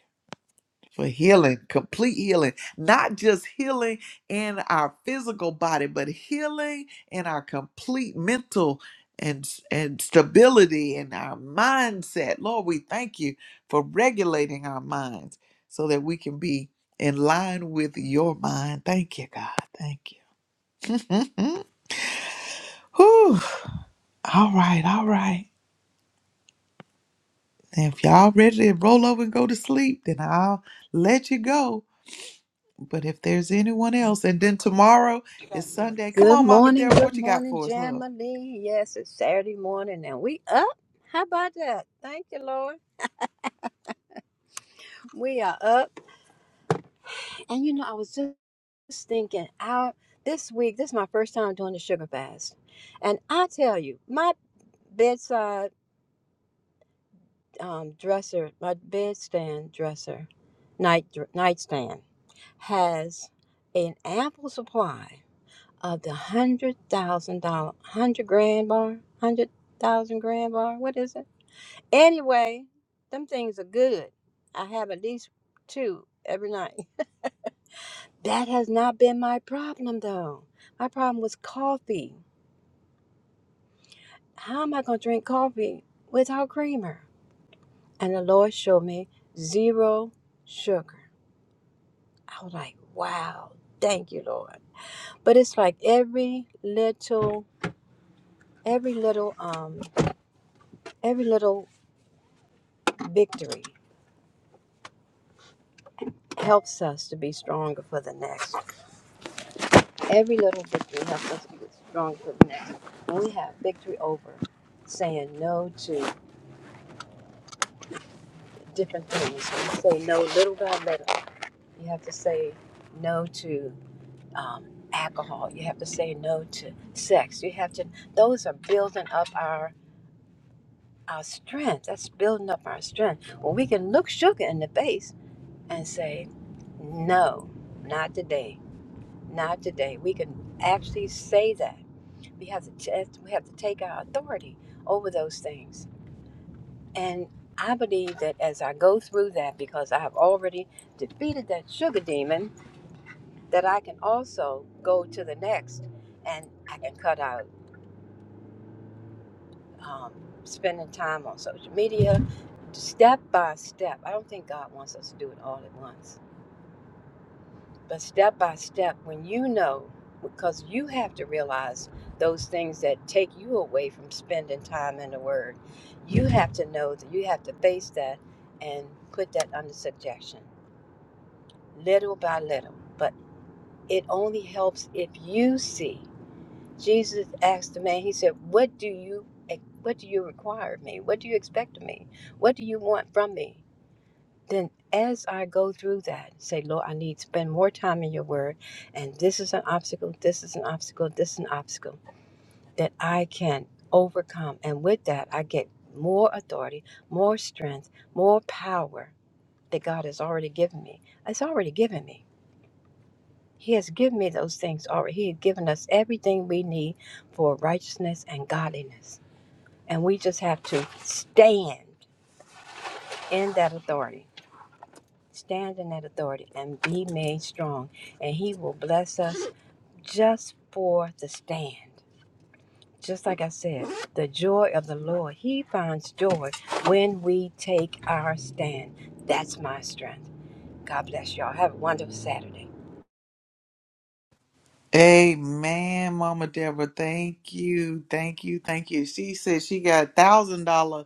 Speaker 1: for healing, complete healing, not just healing in our physical body, but healing in our complete mental. And, and stability in our mindset. Lord, we thank you for regulating our minds so that we can be in line with your mind. Thank you, God. Thank you. Whew. All right, all right. If y'all ready to roll over and go to sleep, then I'll let you go. But if there's anyone else, and then tomorrow is Sunday. Come
Speaker 4: Good
Speaker 1: on, Mama
Speaker 4: morning,
Speaker 1: Deborah,
Speaker 4: good
Speaker 1: what you got
Speaker 4: morning,
Speaker 1: for us, love?
Speaker 4: Jamily. Yes, it's Saturday morning and we up. How about that? Thank you, Lord. We are up. And you know, I was just thinking out this week, this is my first time doing the sugar fast. And I tell you, my bedside um, dresser, my bedstand dresser, night nightstand has an ample supply of the hundred thousand dollar, hundred grand bar, hundred thousand grand bar. What is it? Anyway, them things are good. I have at least two every night. That has not been my problem though. My problem was coffee. How am I going to drink coffee without creamer? And the Lord showed me zero sugar. I was like, wow, thank you, Lord. But it's like every little, every little, um, every little victory helps us to be stronger for the next. Every little victory helps us to get strong for the next. When we have victory over saying no to different things, when you say no little by little, you have to say no to um, alcohol, you have to say no to sex, you have to, those are building up our, our strength. That's building up our strength. When we can look sugar in the face and say, no, not today, not today. We can actually say that We have to test, we have to take our authority over those things. And I believe that as I go through that, because I have already defeated that sugar demon, that I can also go to the next and I can cut out um, spending time on social media step by step. I don't think God wants us to do it all at once. But step by step, when you know, because you have to realize those things that take you away from spending time in the Word, you have to know that you have to face that and put that under subjection, little by little. But it only helps if you see. Jesus asked the man, He said, "What do you, what do you require of me? What do you expect of me? What do you want from me?" then as I go through that, say, Lord, I need to spend more time in your word, and this is an obstacle, this is an obstacle, this is an obstacle that I can overcome. And with that, I get more authority, more strength, more power that God has already given me. It's already given me. He has given me those things already. He has given us everything we need for righteousness and godliness. And we just have to stand in that authority Stand in that authority and be made strong. And He will bless us just for the stand. Just like I said, the joy of the Lord, He finds joy when we take our stand. That's my strength. God bless y'all. Have a wonderful Saturday.
Speaker 1: Amen, Mama Deborah. Thank you, thank you, thank you. She said she got thousand dollar,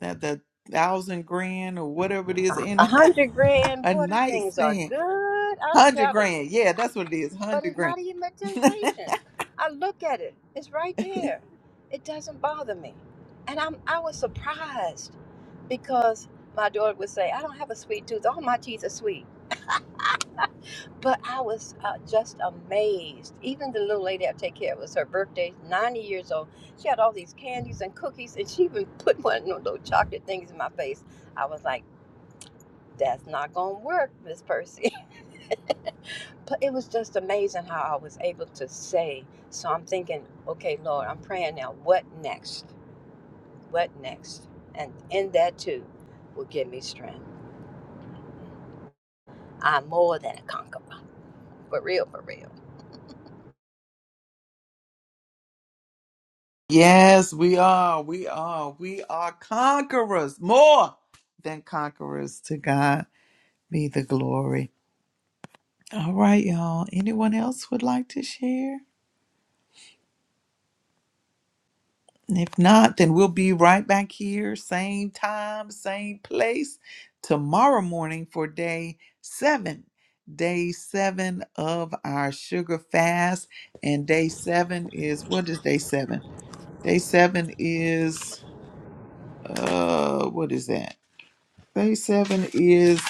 Speaker 1: that the thousand grand or whatever it is
Speaker 4: A
Speaker 1: in
Speaker 4: hundred grand,
Speaker 1: a
Speaker 4: boy, them things are
Speaker 1: nightstand,
Speaker 4: good. I
Speaker 1: hundred
Speaker 4: tell you.
Speaker 1: grand. Yeah, that's what it is,
Speaker 4: but
Speaker 1: hundred
Speaker 4: it's
Speaker 1: grand.
Speaker 4: not even a temptation. I look at it; it's right there. It doesn't bother me, and I'm I was surprised because my daughter would say, "I don't have a sweet tooth. All my teeth are sweet." But I was uh, just amazed. Even the little lady I take care of, it was her birthday, 90 years old. She had all these candies and cookies, and she even put one of them little chocolate things in my face. I was like, that's not going to work, Miss Percy. but it was just amazing how I was able to say. So I'm thinking, okay, Lord, I'm praying now. What next? What next? And in that too will give me strength. I'm more than a conqueror. For real, for real.
Speaker 1: Yes, we are. We are. We are conquerors, more than conquerors. To God be the glory. All right, y'all. Anyone else would like to share? And If not, then we'll be right back here, same time, same place, tomorrow morning for day seven. Day seven of our sugar fast. And day seven is what is day seven? Day seven is uh what is that? Phase seven is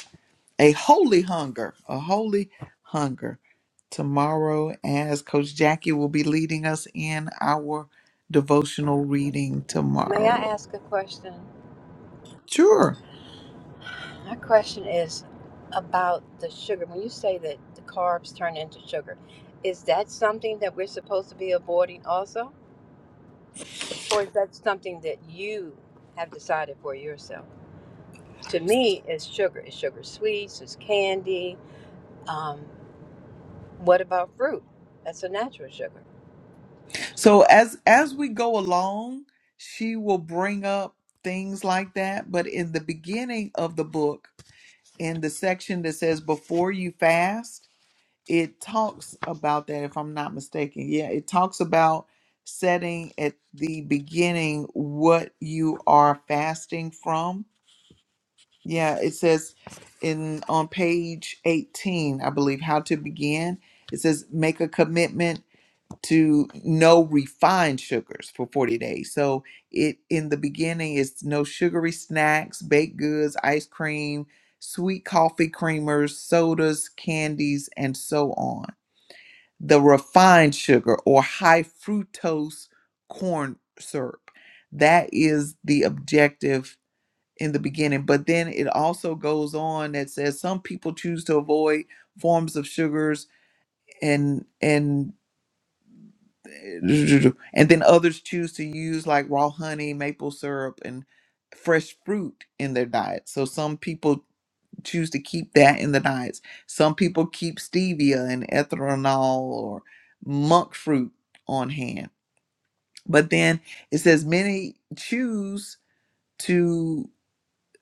Speaker 1: a holy hunger, a holy hunger. Tomorrow, as Coach Jackie will be leading us in our devotional reading
Speaker 4: May I
Speaker 1: tomorrow.
Speaker 4: ask a question?
Speaker 1: Sure.
Speaker 4: My question is about the sugar. When you say that the carbs turn into sugar, is that something that we're supposed to be avoiding also? Or is that something that you have decided for yourself? To me, it's sugar. It's sugar sweets, it's candy. Um, what about fruit? That's a natural sugar.
Speaker 1: So as as we go along, she will bring up things like that. But in the beginning of the book, in the section that says before you fast, it talks about that if i'm not mistaken yeah it talks about setting at the beginning what you are fasting from yeah it says in on page 18 i believe how to begin it says make a commitment to no refined sugars for 40 days so it in the beginning is no sugary snacks baked goods ice cream sweet coffee creamers sodas candies and so on the refined sugar or high fructose corn syrup. That is the objective in the beginning. But then it also goes on that says some people choose to avoid forms of sugars and and and then others choose to use like raw honey, maple syrup, and fresh fruit in their diet. So some people choose to keep that in the diets. Some people keep stevia and ethanol or monk fruit on hand. But then it says many choose to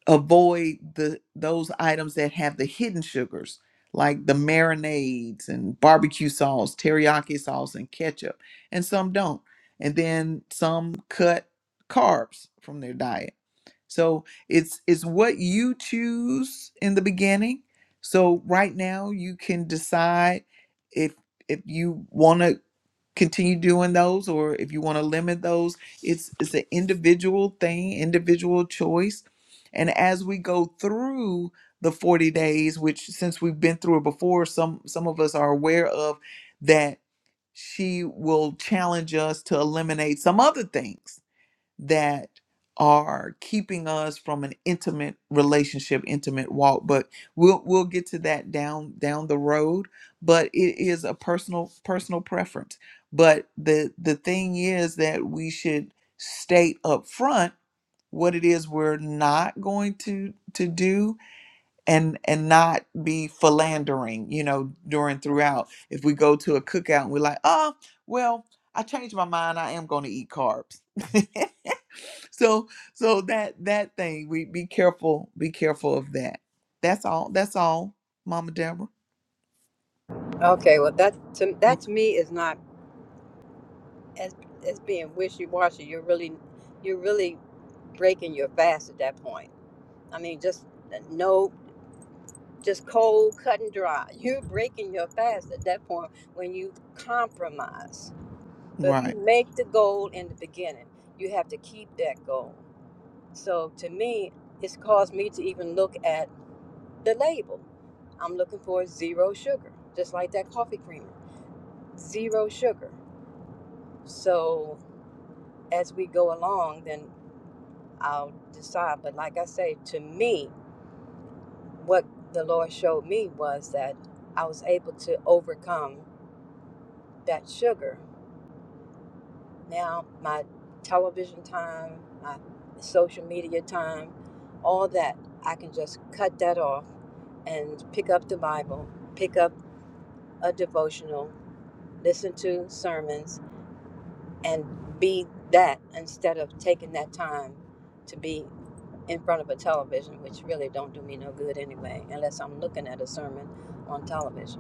Speaker 1: avoid the those items that have the hidden sugars like the marinades and barbecue sauce, teriyaki sauce and ketchup, and some don't. And then some cut carbs from their diet so it's it's what you choose in the beginning. So right now you can decide if if you want to continue doing those or if you want to limit those. It's it's an individual thing, individual choice. And as we go through the 40 days, which since we've been through it before, some some of us are aware of that she will challenge us to eliminate some other things that are keeping us from an intimate relationship, intimate walk. But we'll we'll get to that down down the road. But it is a personal personal preference. But the the thing is that we should state up front what it is we're not going to to do and and not be philandering, you know, during throughout. If we go to a cookout and we're like, oh, well, I changed my mind, I am gonna eat carbs. so so that that thing we be careful be careful of that that's all that's all mama deborah
Speaker 4: Okay, well that to, that to me is not as as being wishy washy. You're really you're really breaking your fast at that point. I mean, just no, just cold, cut and dry. You're breaking your fast at that point when you compromise. But if you
Speaker 1: right
Speaker 4: make the goal in the beginning, you have to keep that goal. So to me, it's caused me to even look at the label. I'm looking for zero sugar, just like that coffee creamer, zero sugar. So as we go along, then I'll decide. But like I say, to me, what the Lord showed me was that I was able to overcome that sugar Now, my television time, my social media time, all that, I can just cut that off and pick up the Bible, pick up a devotional, listen to sermons, and be that instead of taking that time to be in front of a television, which really don't do me no good anyway, unless I'm looking at a sermon on television.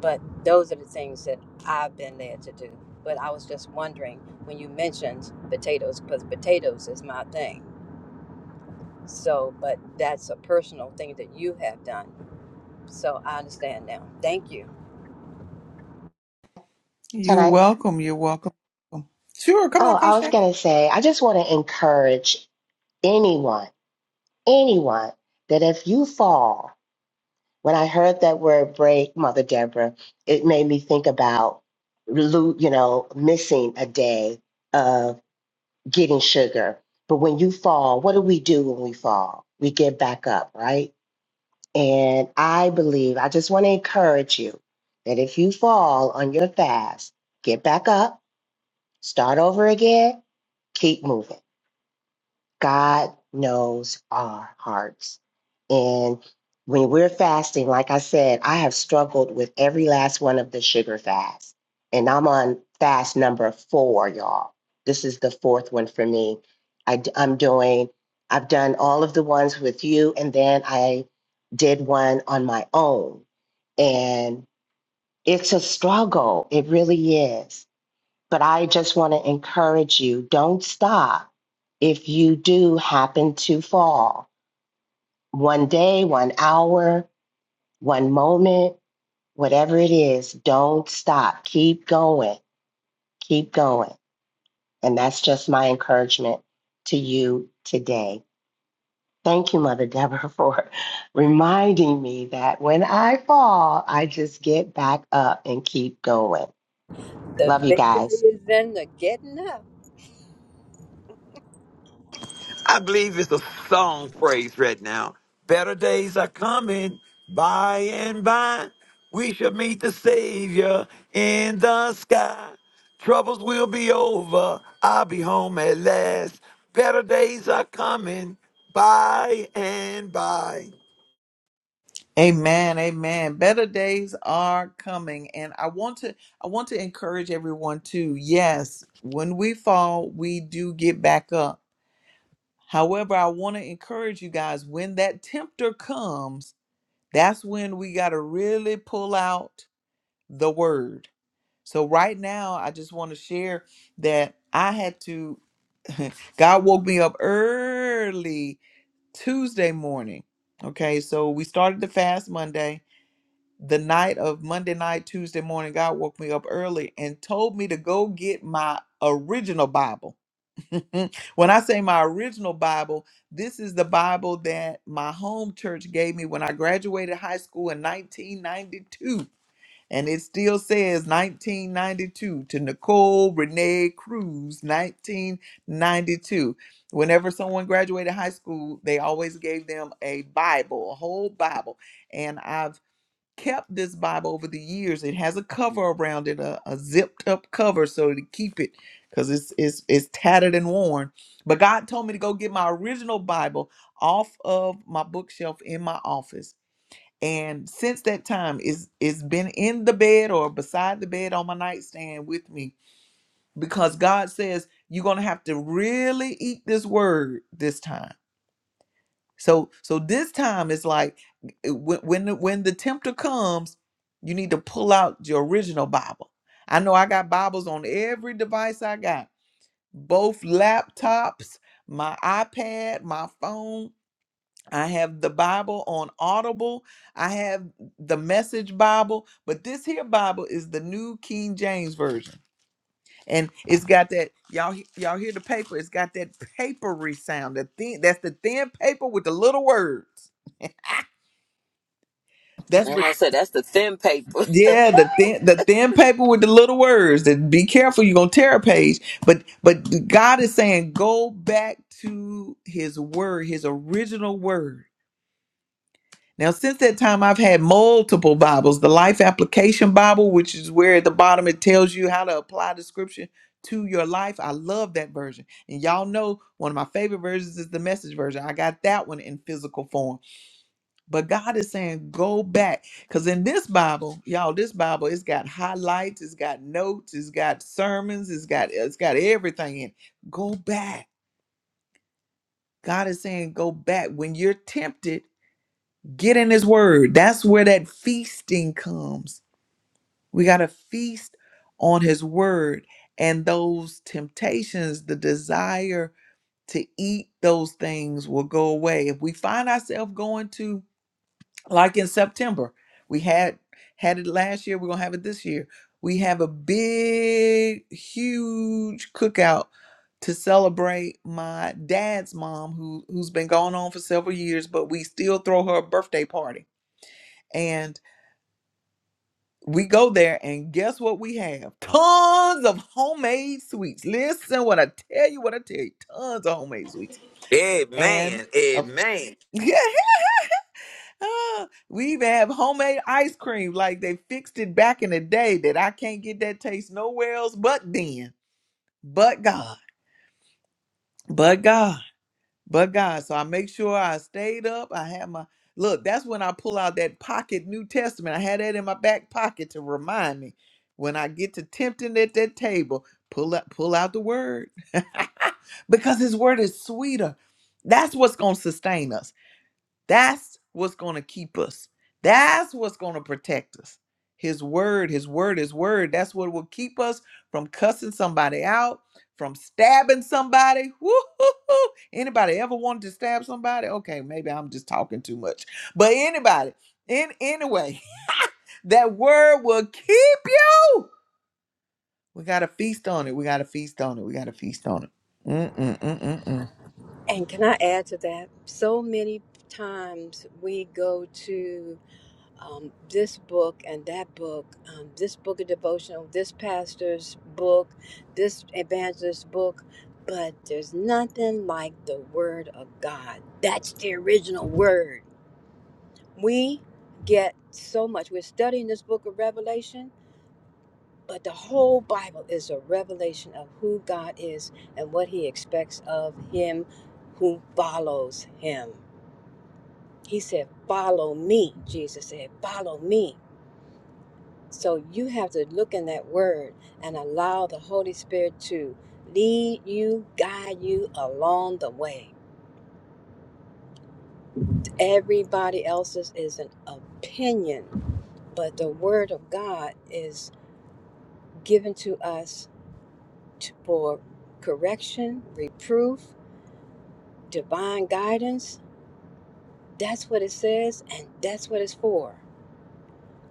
Speaker 4: But those are the things that I've been led to do. But I was just wondering when you mentioned potatoes, because potatoes is my thing. So, but that's a personal thing that you have done. So I understand now. Thank you.
Speaker 7: Can
Speaker 1: you're
Speaker 7: I?
Speaker 1: welcome you're welcome sure come
Speaker 7: Oh,
Speaker 1: on
Speaker 7: I
Speaker 1: coach
Speaker 7: was
Speaker 1: Jackie.
Speaker 7: going to say, I just want to encourage anyone, anyone, that if you fall, when I heard that word break, Mother Deborah, it made me think about, lo- you know, missing a day of getting sugar. But when you fall, what do we do when we fall? We get back up, right? And I believe, I just want to encourage you that if you fall on your fast, get back up, start over again, keep moving. God knows our hearts. And when we're fasting, like I said, I have struggled with every last one of the sugar fasts. And I'm on fast number four, y'all. This is the fourth one for me. I, am doing, I've done all of the ones with you, and then I did one on my own. And it's a struggle. It really is but I just want to encourage you don't stop if you do happen to fall. One day, one hour, one moment, whatever it is, don't stop. Keep going. Keep going. And that's just my encouragement to you today. Thank you, Mother Deborah, for reminding me that when I fall, I just get back up and keep going.
Speaker 4: The
Speaker 7: Love you
Speaker 4: victory
Speaker 7: guys.
Speaker 4: is in the getting up.
Speaker 5: I believe it's a song phrase right now. Better days are coming by and by. We shall meet the Savior in the sky. Troubles will be over. I'll be home at last. Better days are coming by and by.
Speaker 1: amen amen better days are coming and i want to i want to encourage everyone to yes when we fall we do get back up however i want to encourage you guys when that tempter comes that's when we got to really pull out the word So right now, I just want to share that I had to. God woke me up early Tuesday morning. Okay, so we started the fast Monday. The night of Monday night, Tuesday morning, God woke me up early and told me to go get my original Bible. when I say my original Bible, this is the Bible that my home church gave me when I graduated high school in 1992. And it still says 1992 to Nicole Renee Cruz, 1992. Whenever someone graduated high school, they always gave them a Bible, a whole Bible. And I've kept this Bible over the years. It has a cover around it, a, a zipped up cover, so to keep it because it's, it's, it's tattered and worn. But God told me to go get my original Bible off of my bookshelf in my office and since that time, it's it's been in the bed or beside the bed on my nightstand with me because God says you're gonna have to really eat this word this time. So so this time it's like uh, when when the, when the tempter comes, you need to pull out your original Bible. I know I got Bibles on every device I got, both laptops, my iPad, my phone. I have the Bible on Audible. I have the Message Bible, but this here Bible is the New King James Version, and it's got that y'all he- y'all hear the paper. It's got that papery sound. The thin that's the thin paper with the little words. That's
Speaker 3: And
Speaker 1: what
Speaker 3: I said, that's the thin paper.
Speaker 1: yeah the thin the thin paper with the little words. That be careful you're gonna tear a page. But but God is saying go back to His word, His original word Now, since that time, I've had multiple Bibles the Life Application Bible, which is where at the bottom it tells you how to apply the scripture to your life. I love that version. And y'all know one of my favorite versions is the message version. I got that one in physical form. But God is saying, go back. Because in this Bible, y'all, this Bible, it's got highlights, it's got notes, it's got sermons, it's got it's got everything in it. Go back. God is saying, go back. When you're tempted, Get in his word. That's where that feasting comes. We got to feast on his word and those temptations, the desire to eat those things will go away. If we find ourselves going to like in September, we had had it last year, we're going to have it this year. We have a big huge cookout to celebrate my dad's mom who who's been gone on for several years, but we still throw her a birthday party. and. we go there and guess what we have? Tons of homemade sweets. Listen, what I tell you, what I tell you, tons of homemade sweets. And
Speaker 5: Amen. Amen.
Speaker 1: yeah, ah, we even have homemade ice cream like they fixed it back in the day that I can't get that taste nowhere else but then, but God, but God. but God. So I make sure I stayed up. I had my look. That's when I pull out that pocket New Testament. I had that in my back pocket to remind me when I get to tempting at that table. Pull out, pull out the word because His word is sweeter. That's what's gonna sustain us. That's what's going to keep us. That's what's going to protect us. His word, his word, his word. That's what will keep us from cussing somebody out, from stabbing somebody. Woo-hoo-hoo. Anybody ever wanted to stab somebody? Okay, maybe I'm just talking too much. But anybody, in anyway, that word will keep you. We got to feast on it. We got to feast on it. We got to feast on it. Mm-mm-mm-mm-mm.
Speaker 4: And can I add to that? So many times we go to um, this book and that book, um, this book of devotional, this pastor's book, this evangelist's book, but there's nothing like the Word of God. That's the original Word. We get so much. We're studying this book of Revelation, but the whole Bible is a revelation of who God is and what He expects of Him who follows Him. He said, Follow me, Jesus said, Follow me. So you have to look in that word and allow the Holy Spirit to lead you, guide you along the way. Everybody else's is an opinion, but the word of God is given to us to, for correction, reproof, divine guidance. That's what it says, and that's what it's for.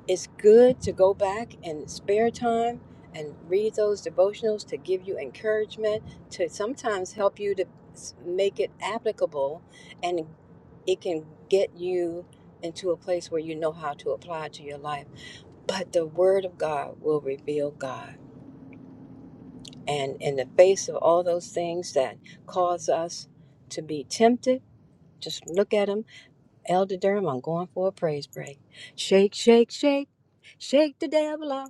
Speaker 4: it's good to go back in spare time and read those devotionals to give you encouragement, to sometimes help you to s- make it applicable, and it can get you into a place where you know how to apply it to your life. But the Word of God will reveal God. And in the face of all those things that cause us to be tempted, just look at them. Elder Durham, I'm going for a praise break. Shake, shake, shake. Shake the devil off.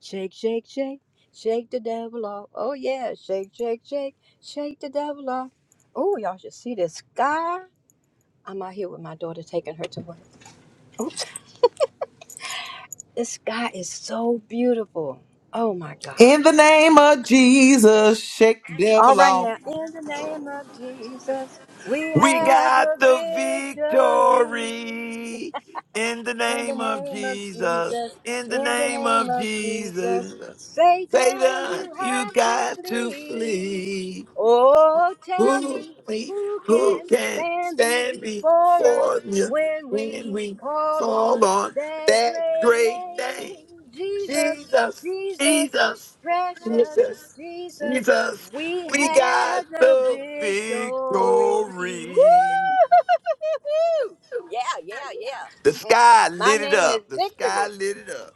Speaker 4: Shake, shake, shake, shake the devil off. Oh yeah, shake, shake, shake, shake the devil off. Oh, y'all should see this sky. I'm out here with my daughter taking her to work. Oh, this sky is so beautiful. Oh my God.
Speaker 1: In the name of Jesus, shake the
Speaker 4: All
Speaker 1: devil
Speaker 4: right
Speaker 1: off.
Speaker 4: now, in the name of Jesus, we
Speaker 5: We
Speaker 4: have
Speaker 5: got the
Speaker 4: the victory.
Speaker 5: victory in the
Speaker 4: In the
Speaker 5: name of
Speaker 4: name of
Speaker 5: Jesus.
Speaker 4: Jesus,
Speaker 5: In the
Speaker 4: in the
Speaker 5: name
Speaker 4: name
Speaker 5: of
Speaker 4: of Jesus,
Speaker 5: Jesus.
Speaker 4: Satan,
Speaker 5: Satan,
Speaker 4: you
Speaker 5: you
Speaker 4: have to
Speaker 5: got to
Speaker 4: flee.
Speaker 5: flee.
Speaker 4: Oh, tell
Speaker 5: Who
Speaker 4: me
Speaker 5: we
Speaker 4: who
Speaker 5: who
Speaker 4: can
Speaker 5: can
Speaker 4: stand
Speaker 5: stand
Speaker 4: before
Speaker 5: before
Speaker 4: us
Speaker 5: you
Speaker 4: when
Speaker 5: when
Speaker 4: we
Speaker 5: we
Speaker 4: call
Speaker 5: call
Speaker 4: on
Speaker 5: on
Speaker 4: that
Speaker 5: that
Speaker 4: great
Speaker 5: great
Speaker 4: name,
Speaker 5: name?
Speaker 4: Jesus,
Speaker 5: Jesus,
Speaker 4: Jesus,
Speaker 5: Jesus,
Speaker 4: precious
Speaker 5: Jesus,
Speaker 4: Jesus.
Speaker 5: Jesus.
Speaker 4: We
Speaker 5: We got
Speaker 4: have the
Speaker 5: the
Speaker 4: victory. Woo!
Speaker 5: victory.
Speaker 4: Yeah, yeah, yeah.
Speaker 5: The sky
Speaker 4: My
Speaker 5: lit it
Speaker 4: name is
Speaker 5: up. The sky
Speaker 4: Victory.
Speaker 5: lit it up.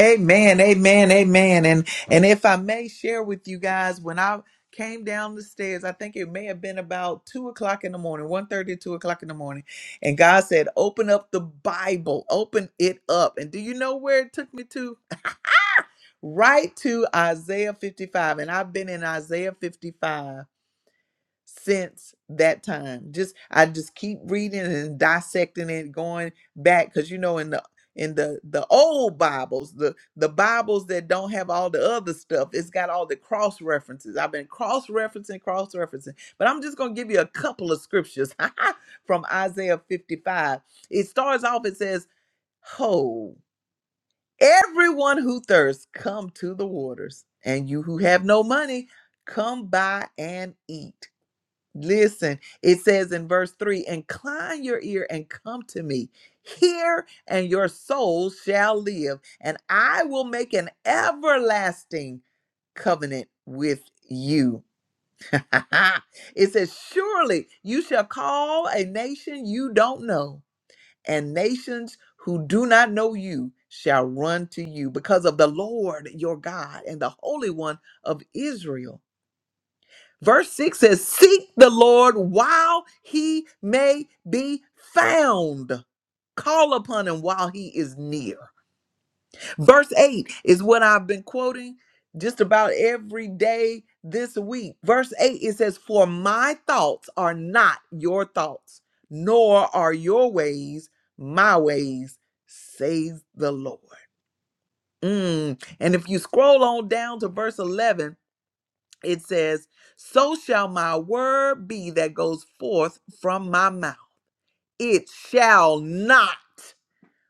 Speaker 1: Amen, amen, amen. And and if I may share with you guys, when I came down the stairs, I think it may have been about two o'clock in the morning, one thirty, two o'clock in the morning. And God said, Open up the Bible, open it up. And do you know where it took me to? Right to Isaiah 55. And I've been in Isaiah 55 since that time. Just I just keep reading and dissecting it, going back because you know in the in the the old Bibles, the the Bibles that don't have all the other stuff, it's got all the cross references. I've been cross referencing, cross referencing, but I'm just gonna give you a couple of scriptures from Isaiah 55. It starts off. It says, "Ho, everyone who thirsts, come to the waters, and you who have no money, come buy and eat." Listen, it says in verse 3 Incline your ear and come to me. Hear, and your soul shall live, and I will make an everlasting covenant with you. it says, Surely you shall call a nation you don't know, and nations who do not know you shall run to you because of the Lord your God and the Holy One of Israel. Verse 6 says, Seek the Lord while he may be found. Call upon him while he is near. Verse 8 is what I've been quoting just about every day this week. Verse 8 it says, For my thoughts are not your thoughts, nor are your ways my ways, says the Lord. Mm. And if you scroll on down to verse 11, it says, So shall my word be that goes forth from my mouth. It shall not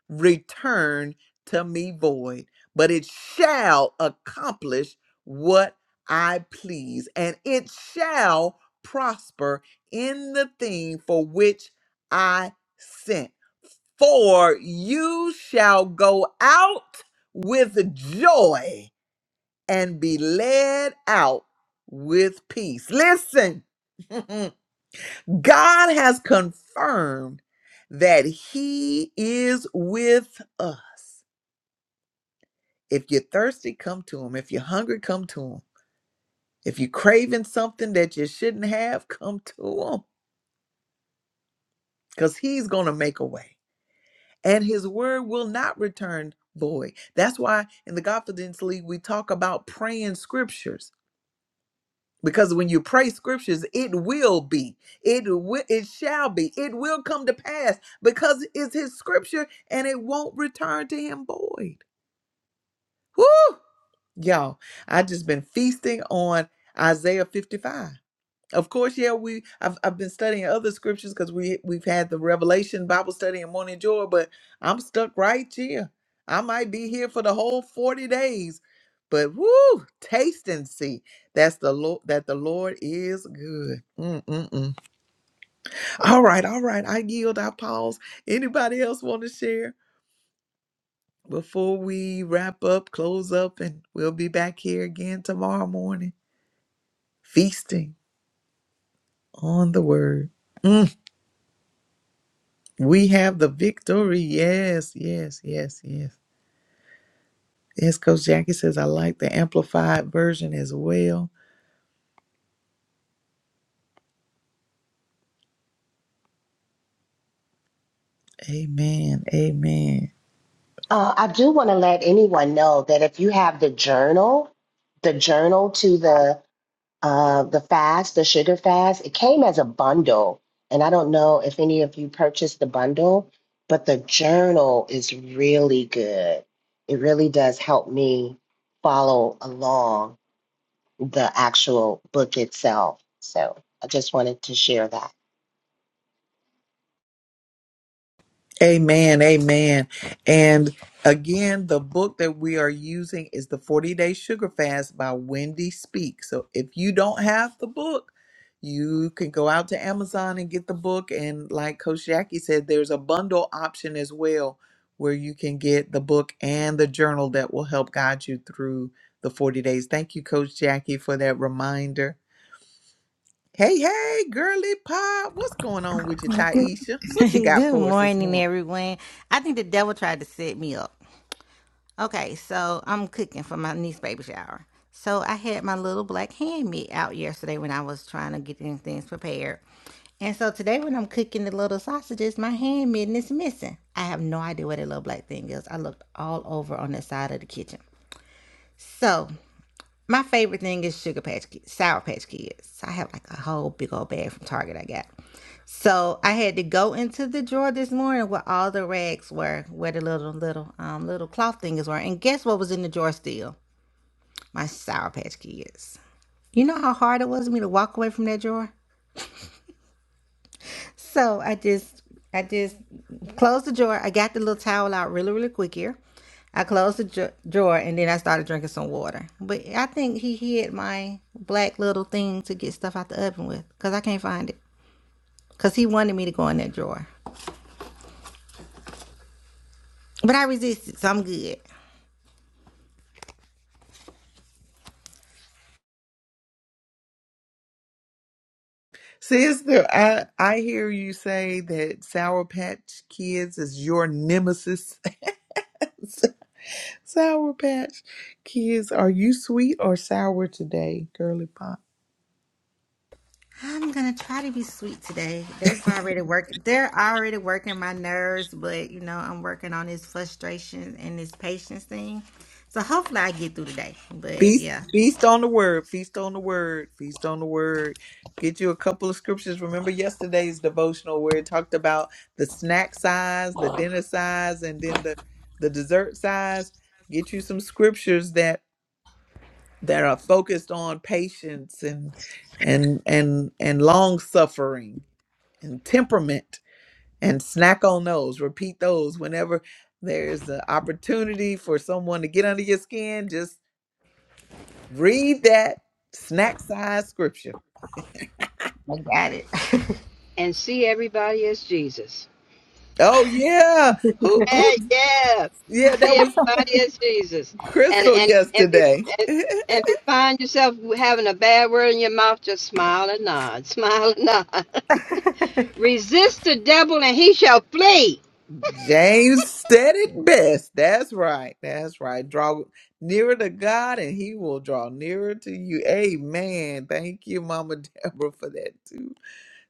Speaker 1: return to me void, but it shall accomplish what I please, and it shall prosper in the thing for which I sent. For you shall go out with joy and be led out with peace. Listen, God has confirmed that He is with us. If you're thirsty, come to Him. If you're hungry, come to Him. If you're craving something that you shouldn't have, come to Him because He's going to make a way. And His word will not return void. That's why in the Confidence League, we talk about praying scriptures because when you pray scriptures it will be it will it shall be it will come to pass because it's his scripture and it won't return to him void Woo! y'all i just been feasting on isaiah 55 of course, yeah, we I've I've been studying other scriptures because we we've had the Revelation Bible study and morning joy, but I'm stuck right here. I might be here for the whole 40 days. But woo, taste and see. That's the Lord that the Lord is good. Mm-mm-mm. All right, all right. I yield, I pause. Anybody else want to share before we wrap up, close up, and we'll be back here again tomorrow morning, feasting on the word. Mm. We have the victory. Yes, yes, yes, yes. Yes, Coach Jackie says, I like the amplified version as well. Amen. Amen.
Speaker 7: Uh, I do want to let anyone know that if you have the journal, the journal to the uh, the fast, the sugar fast, it came as a bundle, and I don't know if any of you purchased the bundle, but the journal is really good. It really does help me follow along the actual book itself. So I just wanted to share that.
Speaker 1: Amen. Amen. And again, the book that we are using is The 40 Day Sugar Fast by Wendy Speak. So if you don't have the book, you can go out to Amazon and get the book. And like Coach Jackie said, there's a bundle option as well where you can get the book and the journal that will help guide you through the 40 days. Thank you, Coach Jackie, for that reminder. Hey, hey, girly pop, what's going on with you, Taisha? What you got
Speaker 8: Good
Speaker 1: for us this
Speaker 8: morning,
Speaker 1: morning?
Speaker 8: everyone. I think the devil tried to set me up. Okay, so I'm cooking for my niece's baby shower. So I had my little black hand meat out yesterday when I was trying to get them things prepared. And so today when I'm cooking the little sausages, my hand mitten is missing. I have no idea where that little black thing is. I looked all over on the side of the kitchen. So my favorite thing is sugar patch kids, sour patch kids. I have like a whole big old bag from Target I got. So I had to go into the drawer this morning where all the rags were, where the little little um little cloth things were. And guess what was in the drawer still? My sour patch kids. You know how hard it was for me to walk away from that drawer? So I just I just closed the drawer. I got the little towel out really, really quick here. I closed the dra- drawer and then I started drinking some water. But I think he hid my black little thing to get stuff out the oven with because I can't find it. Because he wanted me to go in that drawer. But I resisted, so I'm good.
Speaker 1: Sister, I I hear you say that Sour Patch Kids is your nemesis. Sour Patch Kids, are you sweet or sour today, girly pop?
Speaker 8: I'm gonna try to be sweet today. They've already worked. They're already working my nerves, but you know I'm working on this frustration and this patience thing. So hopefully I get through today. But
Speaker 1: Feast
Speaker 8: yeah,
Speaker 1: feast on the word, feast on the word, feast on the word. Get you a couple of scriptures. Remember yesterday's devotional where it talked about the snack size, the dinner size, and then the the dessert size. Get you some scriptures that. that are focused on patience and and and and long suffering and temperament and snack on those repeat those whenever there's an opportunity for someone to get under your skin just read that snack size scripture
Speaker 8: I got it.
Speaker 4: and see everybody as Jesus.
Speaker 1: oh yeah who who
Speaker 4: Hey, yeah,
Speaker 1: yeah that
Speaker 4: see
Speaker 1: was
Speaker 4: everybody as Jesus. And
Speaker 1: crystal
Speaker 4: and if you
Speaker 1: yesterday
Speaker 4: and, and if you find yourself having a bad word in your mouth, just smile and nod, smile and nod. Resist the devil, and he shall flee.
Speaker 1: James said it best. That's right. That's right. Draw nearer to God and he will draw nearer to you. Amen. Thank you, Mama Deborah, for that too.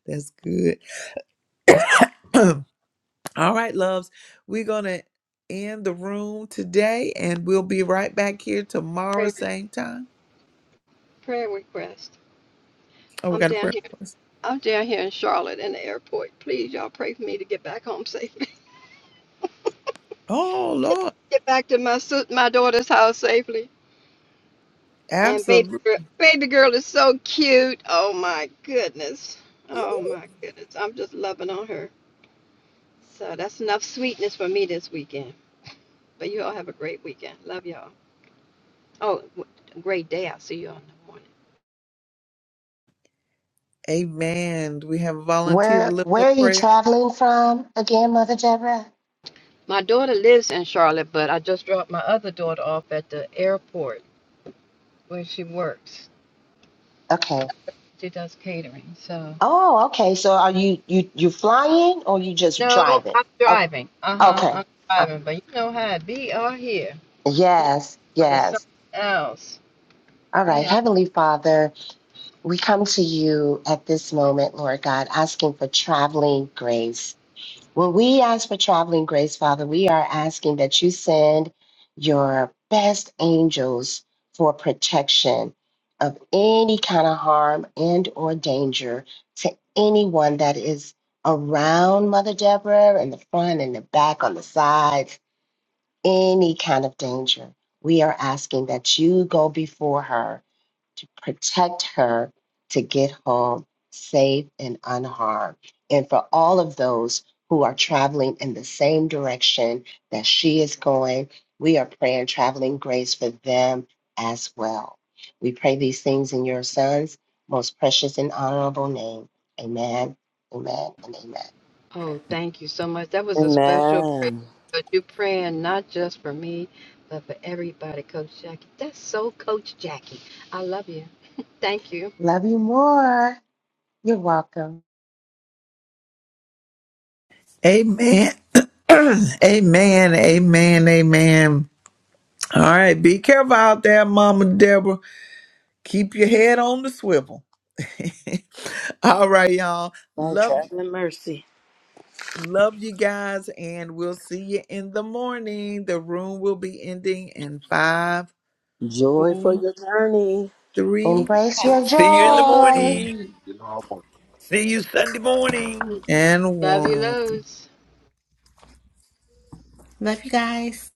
Speaker 1: That's good. All right, loves. We're going to end the room today and we'll be right back here tomorrow, same time. Oh, we
Speaker 4: I'm
Speaker 1: got a
Speaker 4: down
Speaker 1: prayer.
Speaker 4: here.
Speaker 1: request.
Speaker 4: I'm down here in Charlotte in the airport. Please, y'all pray for me to get back home safely.
Speaker 1: Oh, Lord.
Speaker 4: Get back to my sis- my daughter's house safely. And
Speaker 1: Absolutely.
Speaker 4: for baby girl, good. Oh, her. But you all have a great weekend. Love y'all. Oh, w- great day. I'll see you on the morning.
Speaker 1: Amen. Do we have a volunteer to
Speaker 7: Where
Speaker 1: lift
Speaker 7: where
Speaker 1: up
Speaker 7: are you
Speaker 1: prayer?
Speaker 7: traveling from again, Mother Deborah?
Speaker 4: My daughter lives in Charlotte, but I just dropped my other daughter off at the airport where she works.
Speaker 7: Okay.
Speaker 4: She does catering. So,
Speaker 7: Oh, okay. So are you you you flying or you just
Speaker 4: no,
Speaker 7: driving?
Speaker 4: I'm
Speaker 7: Okay.
Speaker 4: driving. Uh huh.
Speaker 7: Okay.
Speaker 4: I'm
Speaker 7: Uh,
Speaker 4: driving, but you know how it be out here. People
Speaker 7: yes,
Speaker 4: are
Speaker 7: yes.
Speaker 4: something else.
Speaker 7: All right.
Speaker 4: They are.
Speaker 7: Heavenly Father, we come to you at this moment, Lord God, asking for traveling grace When we ask for traveling grace, Father, we are asking that you send your best angels for protection of any kind of harm and or danger to anyone that is around Mother Deborah in the front and the back on the sides, any kind of danger. We are asking that you go before her to protect her to get home safe and unharmed. And for all of those who are traveling in the same direction that she is going, we are praying traveling grace for them as well. We pray these things in your son's most precious and honorable name. Amen, amen, and amen.
Speaker 4: Oh, thank you so much. That was a special prayer.
Speaker 3: Amen.
Speaker 4: But you praying not just for me, but for everybody, Coach Jackie. That's so Coach Jackie. I love you. Thank you.
Speaker 7: Love you more. You're welcome.
Speaker 1: Amen. amen. Amen. Amen. All right. Be careful out there, Mama Deborah. Keep your head on the swivel. All right, y'all.
Speaker 3: Right,
Speaker 1: Love
Speaker 3: traveling.
Speaker 1: love you guys, and we'll see you in the morning. The room will be ending in five,
Speaker 3: Joy for
Speaker 1: four,
Speaker 3: your journey.
Speaker 1: three,
Speaker 7: Embrace
Speaker 8: Have a
Speaker 7: your
Speaker 8: great
Speaker 5: See you in
Speaker 2: Bless
Speaker 5: the
Speaker 2: it.
Speaker 8: day.
Speaker 7: joy.
Speaker 1: two,
Speaker 5: morning.
Speaker 2: you know,
Speaker 5: See you Sunday morning.
Speaker 1: and
Speaker 4: Love you,
Speaker 1: one.
Speaker 4: loads.
Speaker 8: Love you guys.